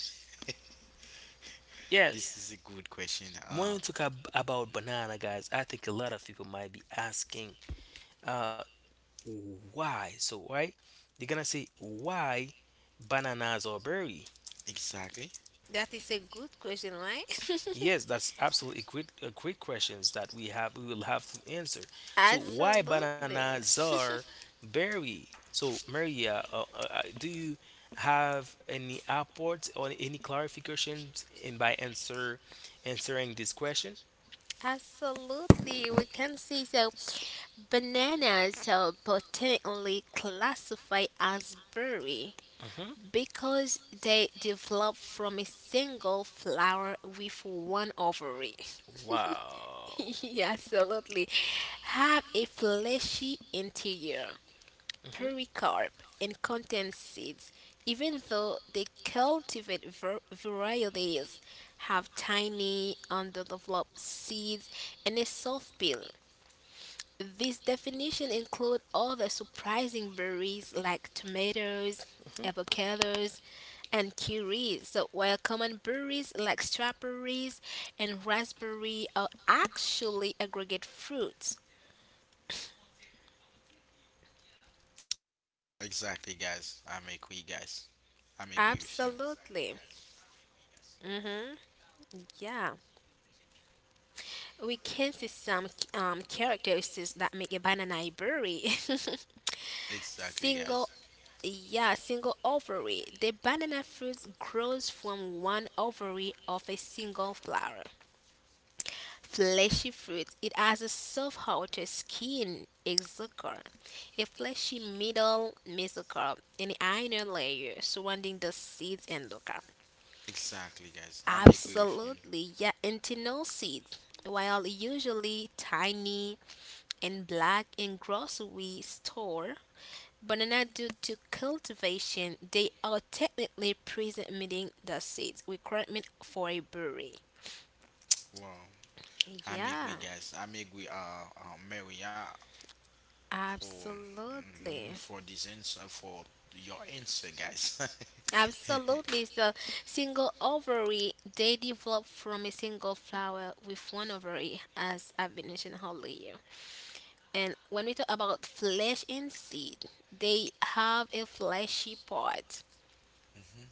S1: [laughs]
S2: Yes,
S1: This is a good question.
S2: when
S1: Uh,
S2: we talk ab- about banana, guys, I think a lot of people might be asking, uh, why? So, right? They're gonna say, why bananas are berry?
S1: exactly,
S3: That is a good question, right?
S2: Yes, that's absolutely great, uh, great questions that we have we will have to answer.
S3: [laughs]
S2: So hmm why
S3: Absolutely.
S2: bananas are berry? So Maria, uh, uh, uh, do you have any upwards or any clarifications in by answer answering this question?
S3: [laughs] Absolutely. We can see so bananas are botanically classified as berry because they develop from a single flower with one ovary.
S2: Wow.
S3: [laughs]
S2: [laughs]
S3: Yeah, absolutely. Have a fleshy interior,
S2: hmm
S3: pericarp, and contain seeds. Even though they cultivate var- varieties, have tiny, underdeveloped seeds and a soft peel. This definition includes all the surprising berries like tomatoes,
S2: hmm
S3: avocados, and kiwis. So, while common berries like strawberries and raspberry are actually aggregate fruits.
S1: exactly,
S3: Absolutely.
S1: guys. I'm agree, guys. I'm
S3: Mhm.
S1: agree with you.
S3: Yeah. We can see some um, characteristics that make a banana a berry. [laughs] Single
S1: Exactly, guys.
S3: yeah, single ovary. The banana fruit grows from one ovary of a single flower. Fleshy fruit. It has a soft outer skin, exocarp, a fleshy middle mesocarp, and inner layer surrounding the seeds and endocarp.
S1: Exactly, guys. I'm agree.
S3: Absolutely, yeah, internal seeds. While usually tiny and black in grocery store, banana due to cultivation, they are technically pre-emitting the seeds requirement for a berry.
S1: Wow. I'm agree,
S3: Yeah,
S1: guys. I'm agree. Uh, uh, Mary. Uh, Oh, mhm,
S3: absolutely.
S1: for this answer, for your answer, guys. [laughs]
S3: Absolutely. So, single ovary, they develop from a single flower with one ovary, as I've been mentioning earlier. And when we talk about flesh and seed, they have a fleshy part
S1: Mhm.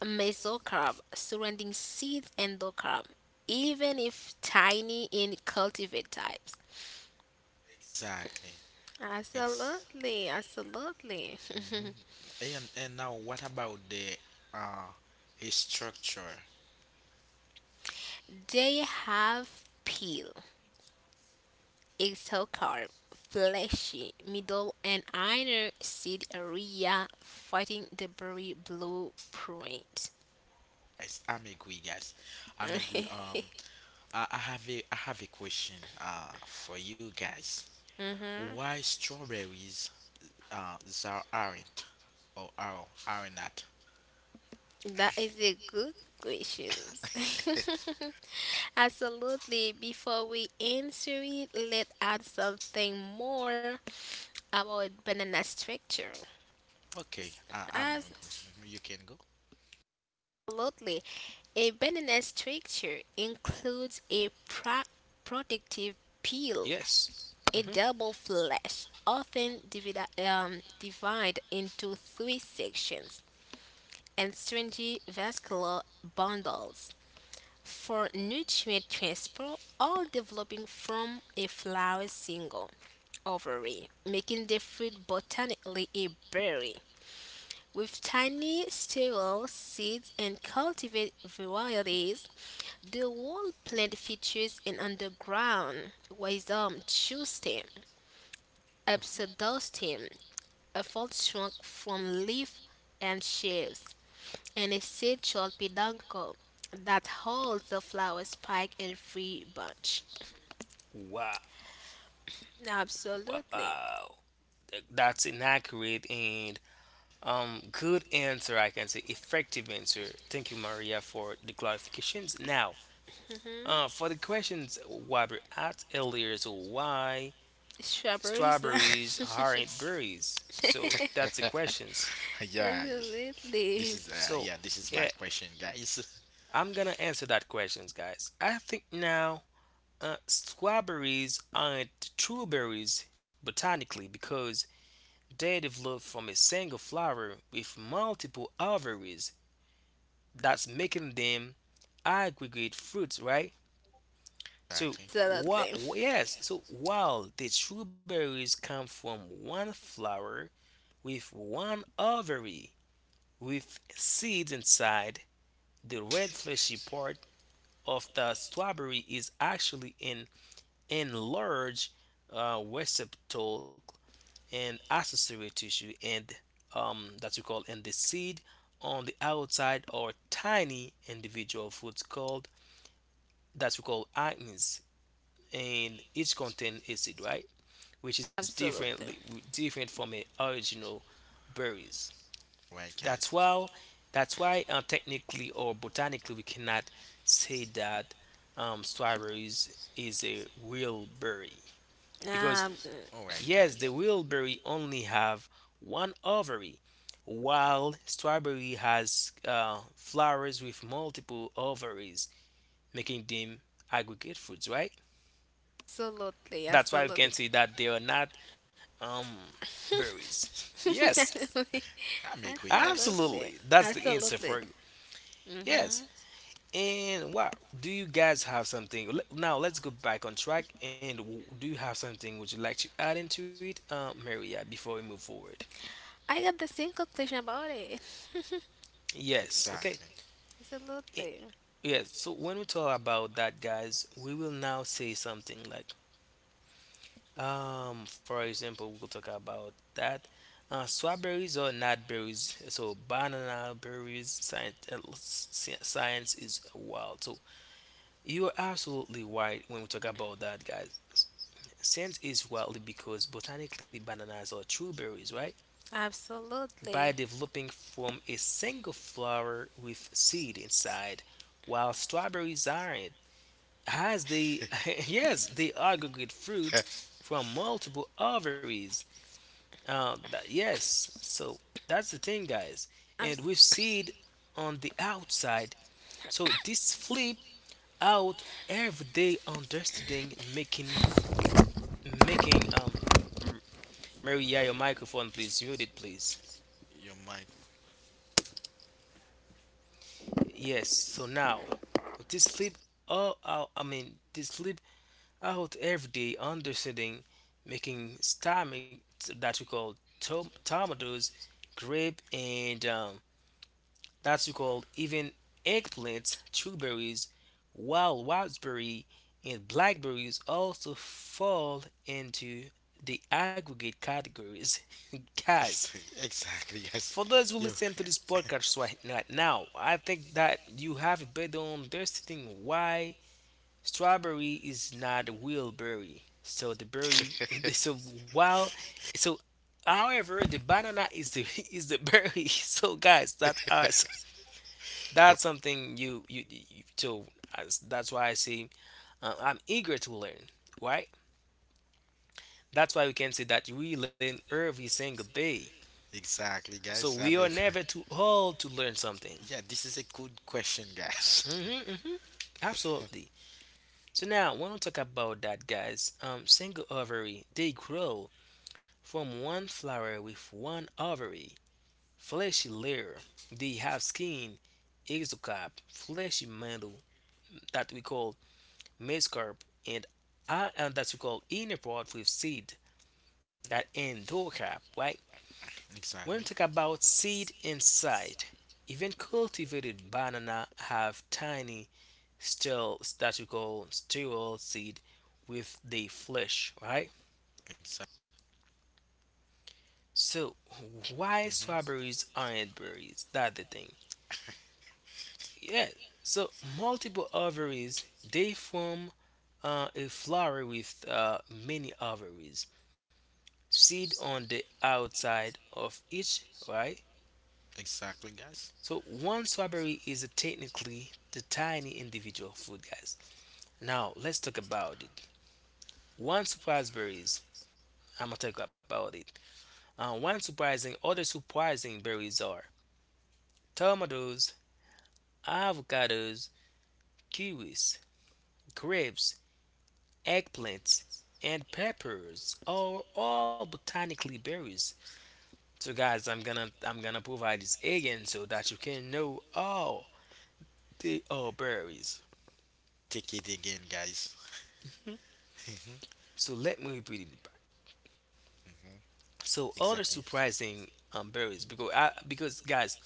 S3: mesocarp, surrounding seeds endocarp, even if tiny in cultivated types.
S1: Exactly. Ex-
S3: Absolutely, absolutely.
S1: mhm. And and now, what about the uh a structure,
S3: [laughs] they have peel, exocarp, fleshy, middle and inner seed area fighting the berry blue blueprint.
S1: guys? I'm agree, guys. I'm agree. Um, I, I have a I have a question uh for you, guys.
S3: [laughs]
S1: Why strawberries uh there aren't, or are are not?
S3: That is a good question. [laughs] Absolutely. Before we answer it, let's add something more about banana structure.
S1: Okay, I, I'm agree. Mhm, you can go.
S3: Absolutely. A banana structure includes a pro- protective peel,
S2: Yes.
S3: a
S2: hmm
S3: double flesh, often divide, um, divide into three sections, and stringy vascular bundles for nutrient transport, all developing from a flower's single ovary, making the fruit botanically a berry. With tiny sterile seeds and cultivated varieties, the whole plant features an underground rhizome, true stem, pseudostem, a fault shrunk from leaf and sheaves, and a central peduncle that holds the flower spike in free bunch.
S2: Wow.
S3: Absolutely.
S2: Wow. Th- That's inaccurate and. Um, good answer, I can say. Effective answer. Thank you, Maria, for the clarifications. Now, uh,
S3: Hmm
S2: for the questions Wabber asked earlier, so why
S3: Strawberries.
S2: strawberries
S3: [laughs]
S2: aren't berries? So that's the questions.
S1: [laughs] Yeah. This
S3: absolutely.
S1: is uh
S2: So
S1: yeah, this is my
S2: yeah,
S1: question, guys. [laughs]
S2: I'm gonna answer that questions, guys. I think now uh, strawberries aren't true berries botanically because they develop from a single flower with multiple ovaries. That's making them aggregate fruits, right? So
S1: Exactly.
S2: what?
S3: Absolutely.
S2: Yes. So while the strawberries come from one flower with one ovary with seeds inside, the red fleshy part of the strawberry is actually an enlarged uh, receptacle and accessory tissue, and um, that we call and the seed on the outside are tiny individual fruits called that we call acnes and each contain acid, right? Which is
S1: All right.
S2: differently
S3: Absolutely.
S2: different from the original berries.
S1: All right,
S2: That's
S1: guys.
S2: why that's why uh, technically or botanically we cannot say that um, strawberries is a real berry
S3: Um,
S2: because
S1: All right,
S2: yes,
S1: guys.
S2: the real berry only have one ovary, while strawberry has uh, flowers with multiple ovaries, making them aggregate fruits, right?
S3: absolutely.
S2: That's why we can
S3: Absolutely.
S2: say that they are not um, berries. [laughs] Yes,
S3: [laughs]
S1: I'm agree, guys.
S3: absolutely.
S2: absolutely. That's the answer
S3: Absolutely.
S2: for you. Yes.
S3: Hmm
S2: And wow, do you guys have something? le- Now let's go back on track. And w- do you have something would you like to add into it, uh, Maria, before we move forward?
S3: I got the same conclusion about it. [laughs]
S2: Yes. Okay.
S1: Exactly.
S2: I-
S3: absolutely.
S2: Yes. So when we talk about that, guys, we will now say something like Um, for example, we'll talk about that. Uh, strawberries or nut berries. So banana berries. Science, uh, sci- science is wild. So you are absolutely right when we talk about that, guys. S- Science is wild because botanically bananas are true berries, right? By
S3: Absolutely.
S2: developing from a single flower with seed inside, while strawberries aren't, as they [laughs] yes they aggregate fruit
S1: [laughs]
S2: from multiple ovaries. Uh, that, yes, so that's the thing, guys. And we
S3: Abs-
S2: see it on the outside. So this flip out every day understanding making making um M- Mary, yeah, your microphone, please mute it, please.
S1: Your mic.
S2: Yes. So now this flip all out. I mean this flip out every day understanding making stomach that we call tom- tomatoes, grape, and um, that's called even eggplants, blueberries, wild raspberry, and blackberries also fall into the aggregate categories. [laughs] Guys,
S1: [laughs] Exactly, guys.
S2: for those who
S1: Yo.
S2: listen to this podcast right na- now, I think that you have a better understanding why strawberry is not a real berry. So the berry, [laughs] so while,
S1: [laughs]
S2: so however, the banana is the [laughs] is the berry. [laughs] So guys, that uh, so that's something you you, you so as, that's why I say uh, I'm eager to learn, right? That's why we can say that we learn every single day.
S1: Exactly,
S2: So
S1: guys. I'm
S2: we are never too
S1: [laughs]
S2: old to learn something.
S1: yeah, this is a good question, guys.
S2: Hmm hmm Absolutely. So now, when we talk about that, guys, um, single ovary they grow from one flower with one ovary, fleshy layer. They have skin, exocap, fleshy mantle that we call mesocarp, and are uh, that we call inner part with seed that endocarp, right?
S1: [laughs]
S2: When we
S1: Exactly.
S2: talk about seed inside, even cultivated banana have tiny steel that we call sterile seed with the flesh, right?
S1: Exactly.
S2: So why
S1: hmm
S2: strawberries aren't berries? That's the thing. Yeah. So multiple ovaries they form uh, a flower with uh, many ovaries. Seed on the outside of each, right?
S1: Exactly, guys.
S2: So one strawberry is technically the tiny individual fruit, guys. Now let's talk about it. One surprise berries. I'm gonna talk about it. Uh, one surprising, other surprising berries are tomatoes, avocados, kiwis, grapes, eggplants, and peppers are all botanically berries. So guys, I'm gonna I'm gonna provide this again so that you can know all. They are berries.
S1: Take it again, guys. [laughs] hmm
S2: So let me repeat it back.
S1: hmm
S2: So other
S1: Exactly.
S2: surprising um, berries because I because guys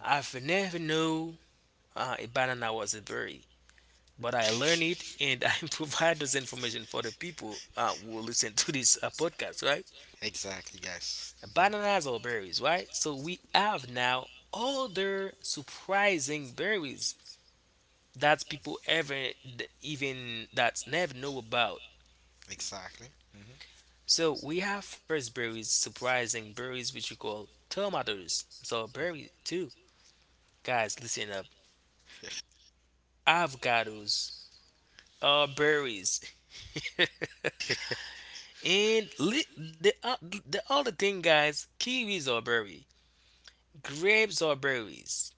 S2: I've never know uh, a banana was a berry, but I learn it and I [laughs] provide this information for the people uh, who will listen to this uh, podcast, right?
S1: Exactly, guys. hmm
S2: Bananas are berries, right? So we have now other surprising berries that people ever even that never know about.
S1: Exactly. hmm
S2: So we have first berries, surprising berries, which we call tomatoes. So berry too, guys. Listen up. Avocados are berries, [laughs] and li- the, uh, the other thing, guys, kiwis are berry, grapes are berries,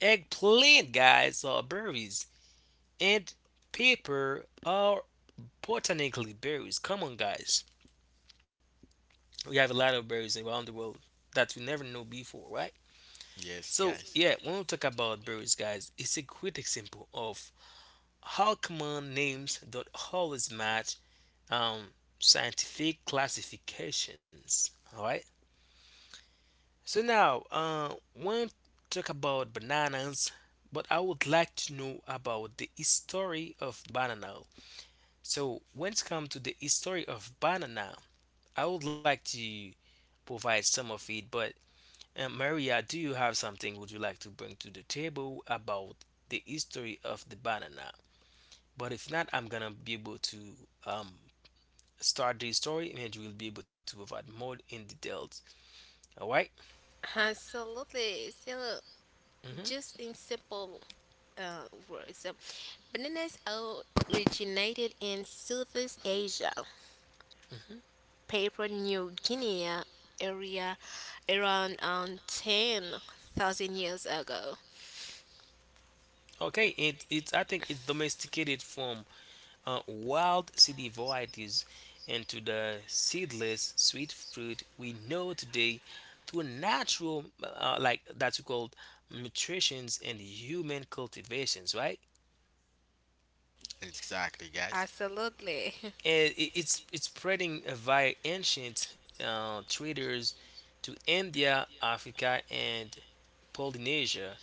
S2: eggplant, guys, are berries, and paper are botanically berries. Come on, guys. We have a lot of berries around the world that we never know before, right?
S1: Yes,
S2: So
S1: guys.
S2: yeah, when we talk about berries, guys, it's a great example of how common names don't always match um, scientific classifications. All right. So now, uh, when we talk about bananas, but I would like to know about the history of banana. So when it comes to the history of banana, I would like to provide some of it, but and Maria, do you have something would you like to bring to the table about the history of the banana? But if not, I'm gonna be able to um, start the story and you will be able to provide more in details. All right?
S3: Absolutely. So,
S2: Mm-hmm.
S3: just in simple uh, words, um, bananas originated in Southeast Asia,
S2: Mm-hmm.
S3: Papua New Guinea area around um, ten thousand years ago.
S2: Okay, it, it I think it's domesticated from uh, wild city varieties into the seedless sweet fruit we know today through natural uh, like that's called mutations and human cultivations, right?
S1: Exactly, guys.
S3: Absolutely. [laughs]
S2: And i- it's it's spreading via ancient uh, traders to India, Africa, and Polynesia,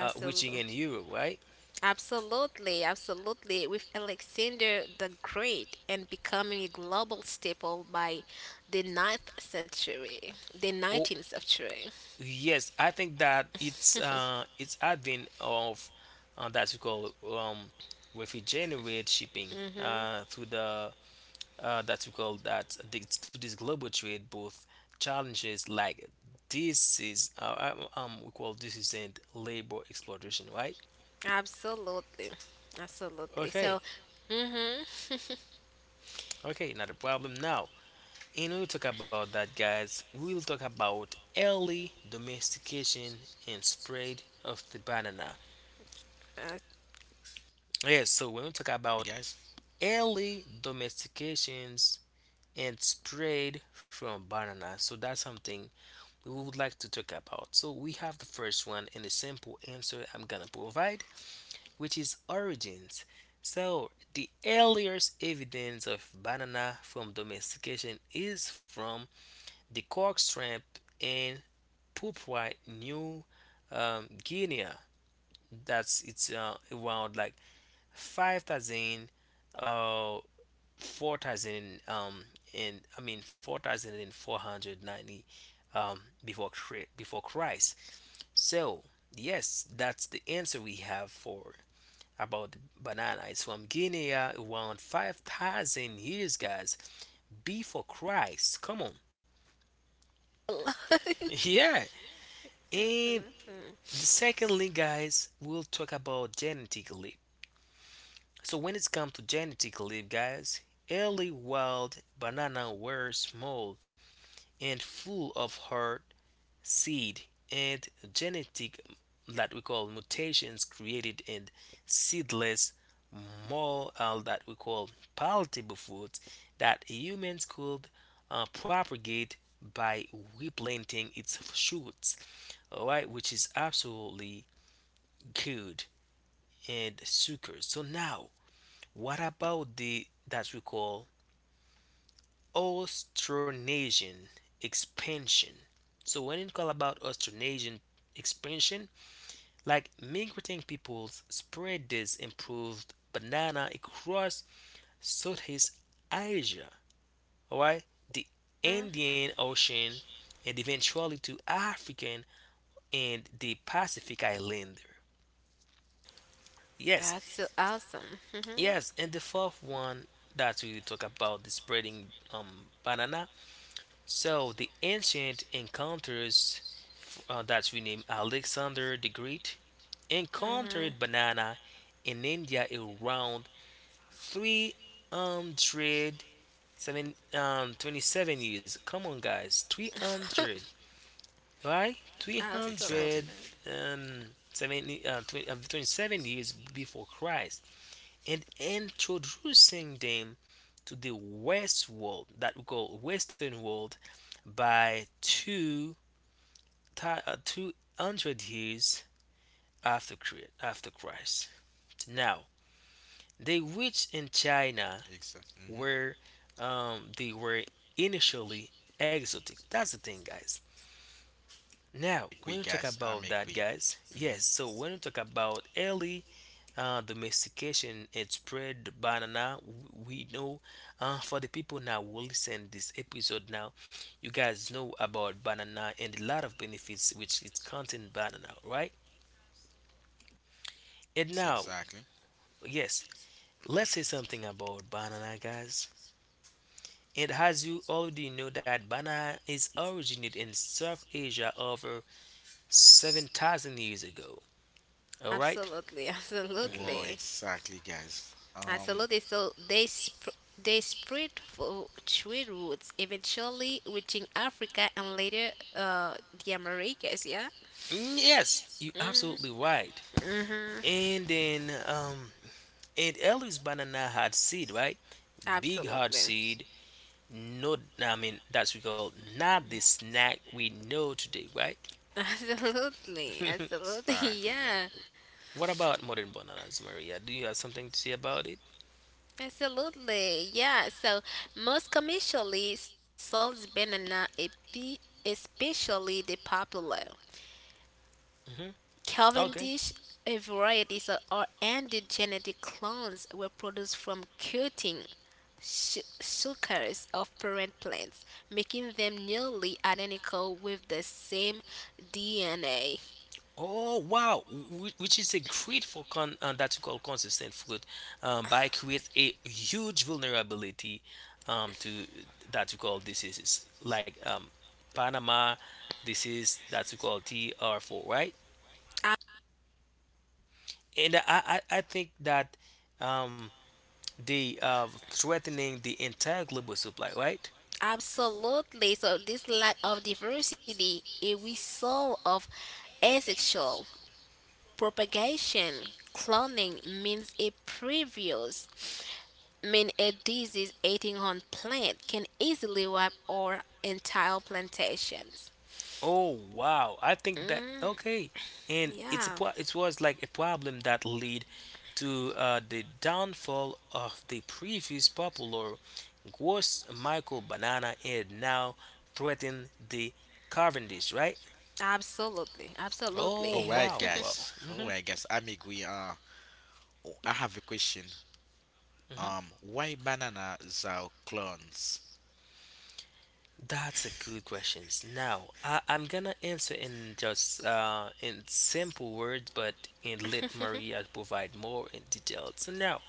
S2: uh, reaching in Europe, right?
S3: Absolutely. Absolutely. With Alexander the Great and becoming a global staple by the ninth century, the
S2: Oh,
S3: nineteenth century.
S2: yes, I think that it's uh, it's advent of uh, that we call um, refrigerant shipping
S3: Mm-hmm.
S2: uh, through the uh, that we call that the, to this global trade both challenges like this is uh, um, um, we call this is in labor exploitation, right?
S3: Absolutely. Absolutely. So,
S2: Okay,
S3: mm-hmm. [laughs]
S2: okay, not a problem. Now, and we'll talk about that, guys. We'll talk about early domestication and spread of the banana.
S3: Absolutely.
S2: Yes, so when we talk
S1: Hey,
S2: about
S1: guys.
S2: early domestications and spread from banana, so that's something we would like to talk about. So we have the first one and the simple answer I'm gonna provide, which is origins. So, the earliest evidence of banana from domestication is from the cork shrimp in Papua New um, Guinea. That's it's uh, around like five thousand uh four thousand um and I mean four thousand four hundred ninety um before before Christ. So, yes, that's the answer we have for about the banana. It's from Guinea around five thousand years, guys, before Christ. Come on.
S3: [laughs]
S2: [laughs] yeah. And
S3: absolutely.
S2: The secondly, guys, we'll talk about genetic leap. So when it's come to genetic leap, guys, early wild banana were small and full of hard seed and genetic that we call mutations created in seedless more uh, that we call palatable foods that humans could uh, propagate by replanting its shoots, all right, which is absolutely good and suckers. So now, what about the that we call Austronesian expansion? So when it call about Austronesian expansion, like migrating peoples spread this improved banana across Southeast Asia, alright, the
S3: Mhm.
S2: Indian Ocean, and eventually to African and the Pacific Islander. Yes,
S3: That's so awesome. Mm-hmm.
S2: Yes, and the fourth one that we talk about the spreading um banana. So the ancient encounters f- uh, that we name Alexander the Great
S3: Mm-hmm.
S2: encountered banana in India around three hundred um, twenty-seven years. Come on, guys, three hundred, right?
S3: [laughs]
S1: Exactly.
S2: three hundred
S3: Absolutely.
S2: um, uh, twenty, uh, twenty-seven years before Christ and introducing them to the West world that we call Western world by two uh, two hundred years after after Christ. Now, they reached in China
S1: Exactly. hmm
S2: where um, they were initially exotic. That's the thing, guys. Now,
S1: Agree,
S2: when you talk
S1: guys. I'm
S2: about that,
S1: agree.
S2: guys,
S1: hmm
S2: yes, so when you talk about early uh, domestication and spread banana, we know uh, for the people now who listen this episode now, you guys know about banana and a lot of benefits which it contain banana, right? And now,
S1: Exactly.
S2: yes, let's say something about banana, guys, and as you already know that banana is originated in South Asia over seven thousand years ago. All right?
S3: Absolutely.
S1: Whoa,
S2: Mm.
S3: Absolutely.
S1: exactly, guys. Um,
S3: Absolutely. So they sp- they spread through trade routes, eventually reaching Africa and later uh, the Americas. Yeah.
S2: Yes, you
S3: Mm.
S2: absolutely right.
S3: Mm-hmm.
S2: And then um And Ellie's banana had seed, right? Big hard
S3: Absolutely.
S2: seed. No, I mean that's we call not the snack we know today, right?
S3: [laughs] Absolutely.
S2: [laughs]
S3: Absolutely.
S1: exactly,
S3: Yeah.
S1: guys.
S2: what about modern bananas, Maria? Do you have something to say about it?
S3: Absolutely. Yeah. So most commercially, sold banana, espe- especially the popular
S2: Hmm. Okay.
S3: Cavendish, a variety that are endogenetic clones, were produced from cutting su- suckers of parent plants, making them nearly identical with the same D N A.
S2: Oh wow, Wh- which is a great for con uh, that we call consistent food, um, by create a huge vulnerability um, to that we call diseases like, um, Panama disease that we call T R four, right? and I, I, I think that, um, the uh, threatening the entire global supply, right?
S3: Absolutely. So this lack of diversity is a result of asexual propagation cloning means a previous mean a disease eating on plant can easily wipe our entire plantations.
S2: Oh wow! I think that
S3: Mm,
S2: okay, and it's a
S3: yeah,
S2: pro- it was like a problem that lead to uh, the downfall of the previous popular gross Michael Banana and now threaten the Cavendish, right?
S3: absolutely,
S2: Oh
S1: All
S3: absolutely,
S1: right,
S2: wow!
S3: [laughs]
S2: Wow.
S1: guys. All
S2: Hmm.
S1: right, guys. I'm agree. Uh, oh, I have a question. Um, why bananas are clones?
S2: That's a good question. Now, I, I'm gonna answer in just uh, in simple words, but and let Maria provide more in detail. So now,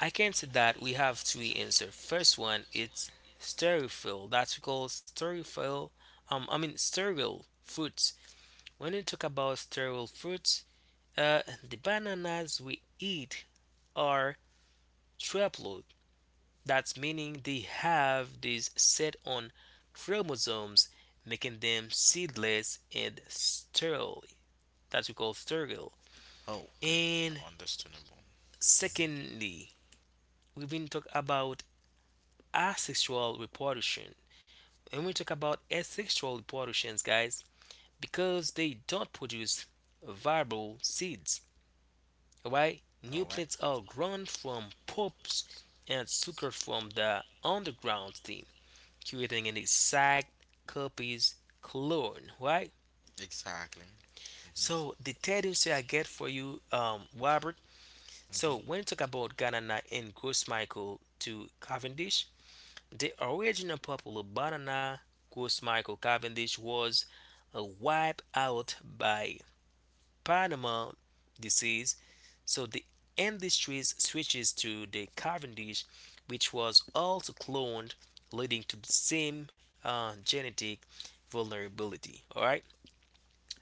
S2: I can say that we have three answers. First one, it's stereofill. That's called stereofill. Um, I mean sterile fruits. When you talk about sterile fruits, uh, the bananas we eat are, that's meaning they have these set on chromosomes, making them seedless and sterile. That's we call sterile.
S1: Oh, okay.
S2: And
S1: Understandable. Mhm.
S2: secondly, we've been talking about asexual reproduction. And we talk about asexual reproductions, guys, because they don't produce viable seeds. Alright? New
S1: All right.
S2: plants are grown from pups and sucker from the underground stem, creating an exact copies clone, right?
S1: Exactly.
S2: So
S1: Mhm.
S2: the third insight I get for you, um, Robert. So
S1: Mhm.
S2: when you talk about Ganana and Grossmichael to Cavendish, the original popular banana Grossmichael Cavendish was uh, wiped out by Panama disease. So the industry switches to the Cavendish, which was also cloned, leading to the same uh, genetic vulnerability. All right.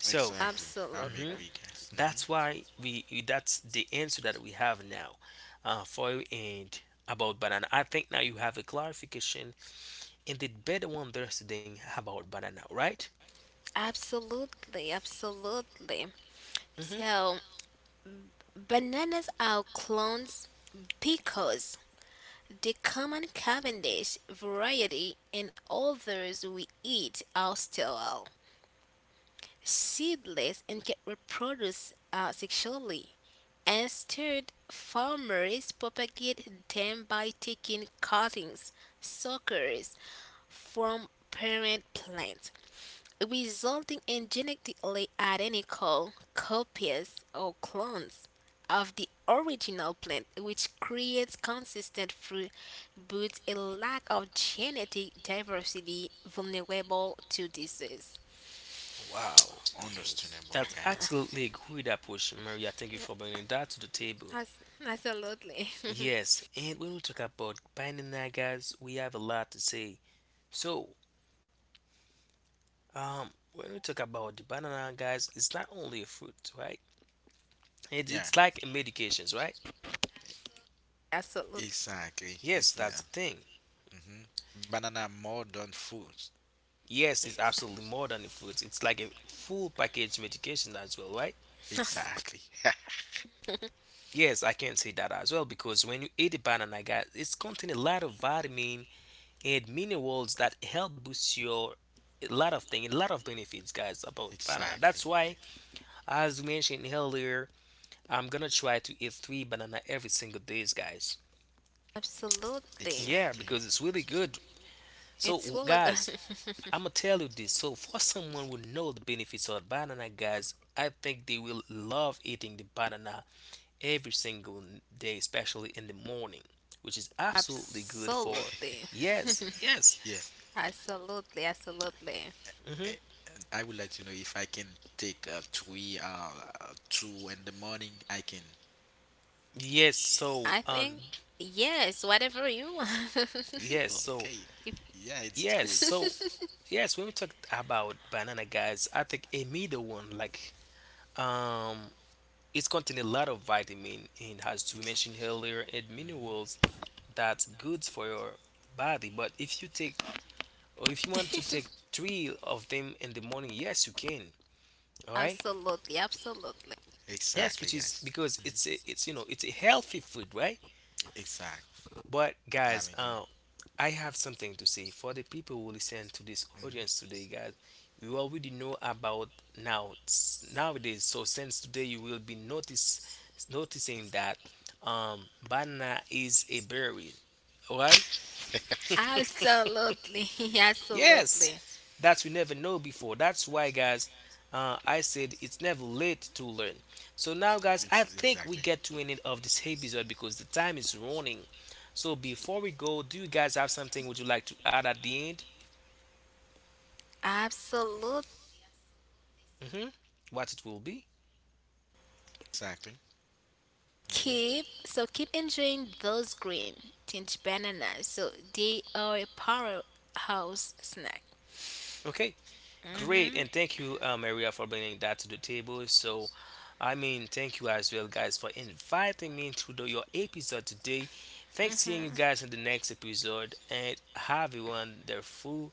S2: So,
S1: Exactly. I
S2: mhm,
S3: absolutely,
S1: make we guys. Mhm.
S2: that's why we, that's the answer that we have now uh, for you and about banana. I think now you have a clarification and did better understanding about banana, right?
S3: absolutely, absolutely.
S2: Hmm.
S3: So bananas are clones because the common Cavendish variety and others we eat are sterile, seedless and can reproduce uh, sexually. Instead, farmers propagate them by taking cuttings, suckers from parent plants, resulting in genetically identical copies or clones of the original plant, which creates consistent fruit but a lack of genetic diversity vulnerable to disease.
S2: Wow. That's
S1: Understandable, guys.
S2: absolutely a good approach, Maria. Thank you for bringing that to the table.
S3: As- absolutely. [laughs]
S2: Yes, and when we talk about banana, guys, we have a lot to say. So, um, when we talk about the banana, guys, it's not only a fruit, right? It,
S1: Yeah.
S2: it's like a medications, right?
S3: Absolutely.
S1: Exactly.
S2: Yes,
S1: It's
S2: that's
S1: uh,
S2: the thing.
S1: mhm. Banana more than food.
S2: Yes, it's absolutely more than a fruit. It's like a full package medication as well, right?
S3: [laughs]
S1: Exactly. [laughs]
S2: Yes, I can say that as well, because when you eat a banana, guys, it's contain a lot of vitamin and minerals that help boost your, a lot of things, a lot of benefits, guys, about banana.
S1: Exactly.
S2: That's why, as we mentioned earlier, I'm gonna try to eat three banana every single days, guys.
S3: Absolutely.
S2: Yeah,
S1: Exactly.
S2: because it's really good. So,
S3: It's
S2: w-
S3: Woolagan.
S2: guys,
S3: [laughs]
S2: I'm gonna tell you this. So, for someone who know the benefits of banana, guys, I think they will love eating the banana every single day, especially in the morning, which is absolutely good for.
S3: Absolutely. [laughs]
S2: Yes, yes,
S1: Yeah.
S3: Absolutely. Absolutely.
S2: hmm
S1: Eh, and I would like to know if I can take uh, three, uh, uh, two in the morning. I can.
S2: yes. So,
S3: I
S2: um,
S3: think, yes, whatever you want. [laughs]
S2: yes, so,
S1: Okay.
S3: If-
S1: Yeah, it's
S2: yes,
S1: good.
S2: so, yes. When we talk about banana, guys, I think a middle one, like, um, it's contain a lot of vitamin, and as we
S1: Ex-
S2: mentioned earlier, and
S1: mhm.
S2: minerals that's good for your body. But if you take, or if you want to
S3: [laughs]
S2: take three of them in the morning, yes, you can. All right.
S3: absolutely. Absolutely.
S2: Yes, which
S1: Exactly,
S2: is
S1: guys.
S2: because it's
S1: Mhm.
S2: a, it's, you know, it's a healthy food, right?
S1: Exactly.
S2: But guys,
S1: I'm
S2: uh,
S1: agreeing.
S2: I have something to say for the people who listen to this audience
S1: Mhm.
S2: today, guys. You already know about now, s- nowadays. So since today, you will be notice noticing that, um, banana is a berry, right?
S3: Absolutely. [laughs]
S2: Yes,
S3: Absolutely.
S2: that we never know before. That's why, guys, uh, I said it's never late to learn. So now, guys, I think we
S1: Exactly.
S2: get to an end of this episode because the time is running. So before we go, do you guys have something would you like to add at the end?
S3: Absolutely.
S2: Hmm. What it will be?
S1: Exactly. Mhm.
S3: Keep so keep enjoying those green tinge bananas so they are a powerhouse snack.
S2: Okay. Great,
S3: Hmm
S2: and thank you, uh, Maria, for bringing that to the table. So, I mean, thank you as well, guys, for inviting me to the, your episode today. Thanks seeing you guys in the next episode, and have a wonderful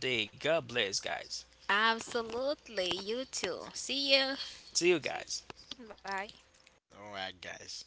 S2: day. God bless, guys.
S3: absolutely, you too. See you.
S2: See you guys.
S3: Bye.
S1: All right, guys.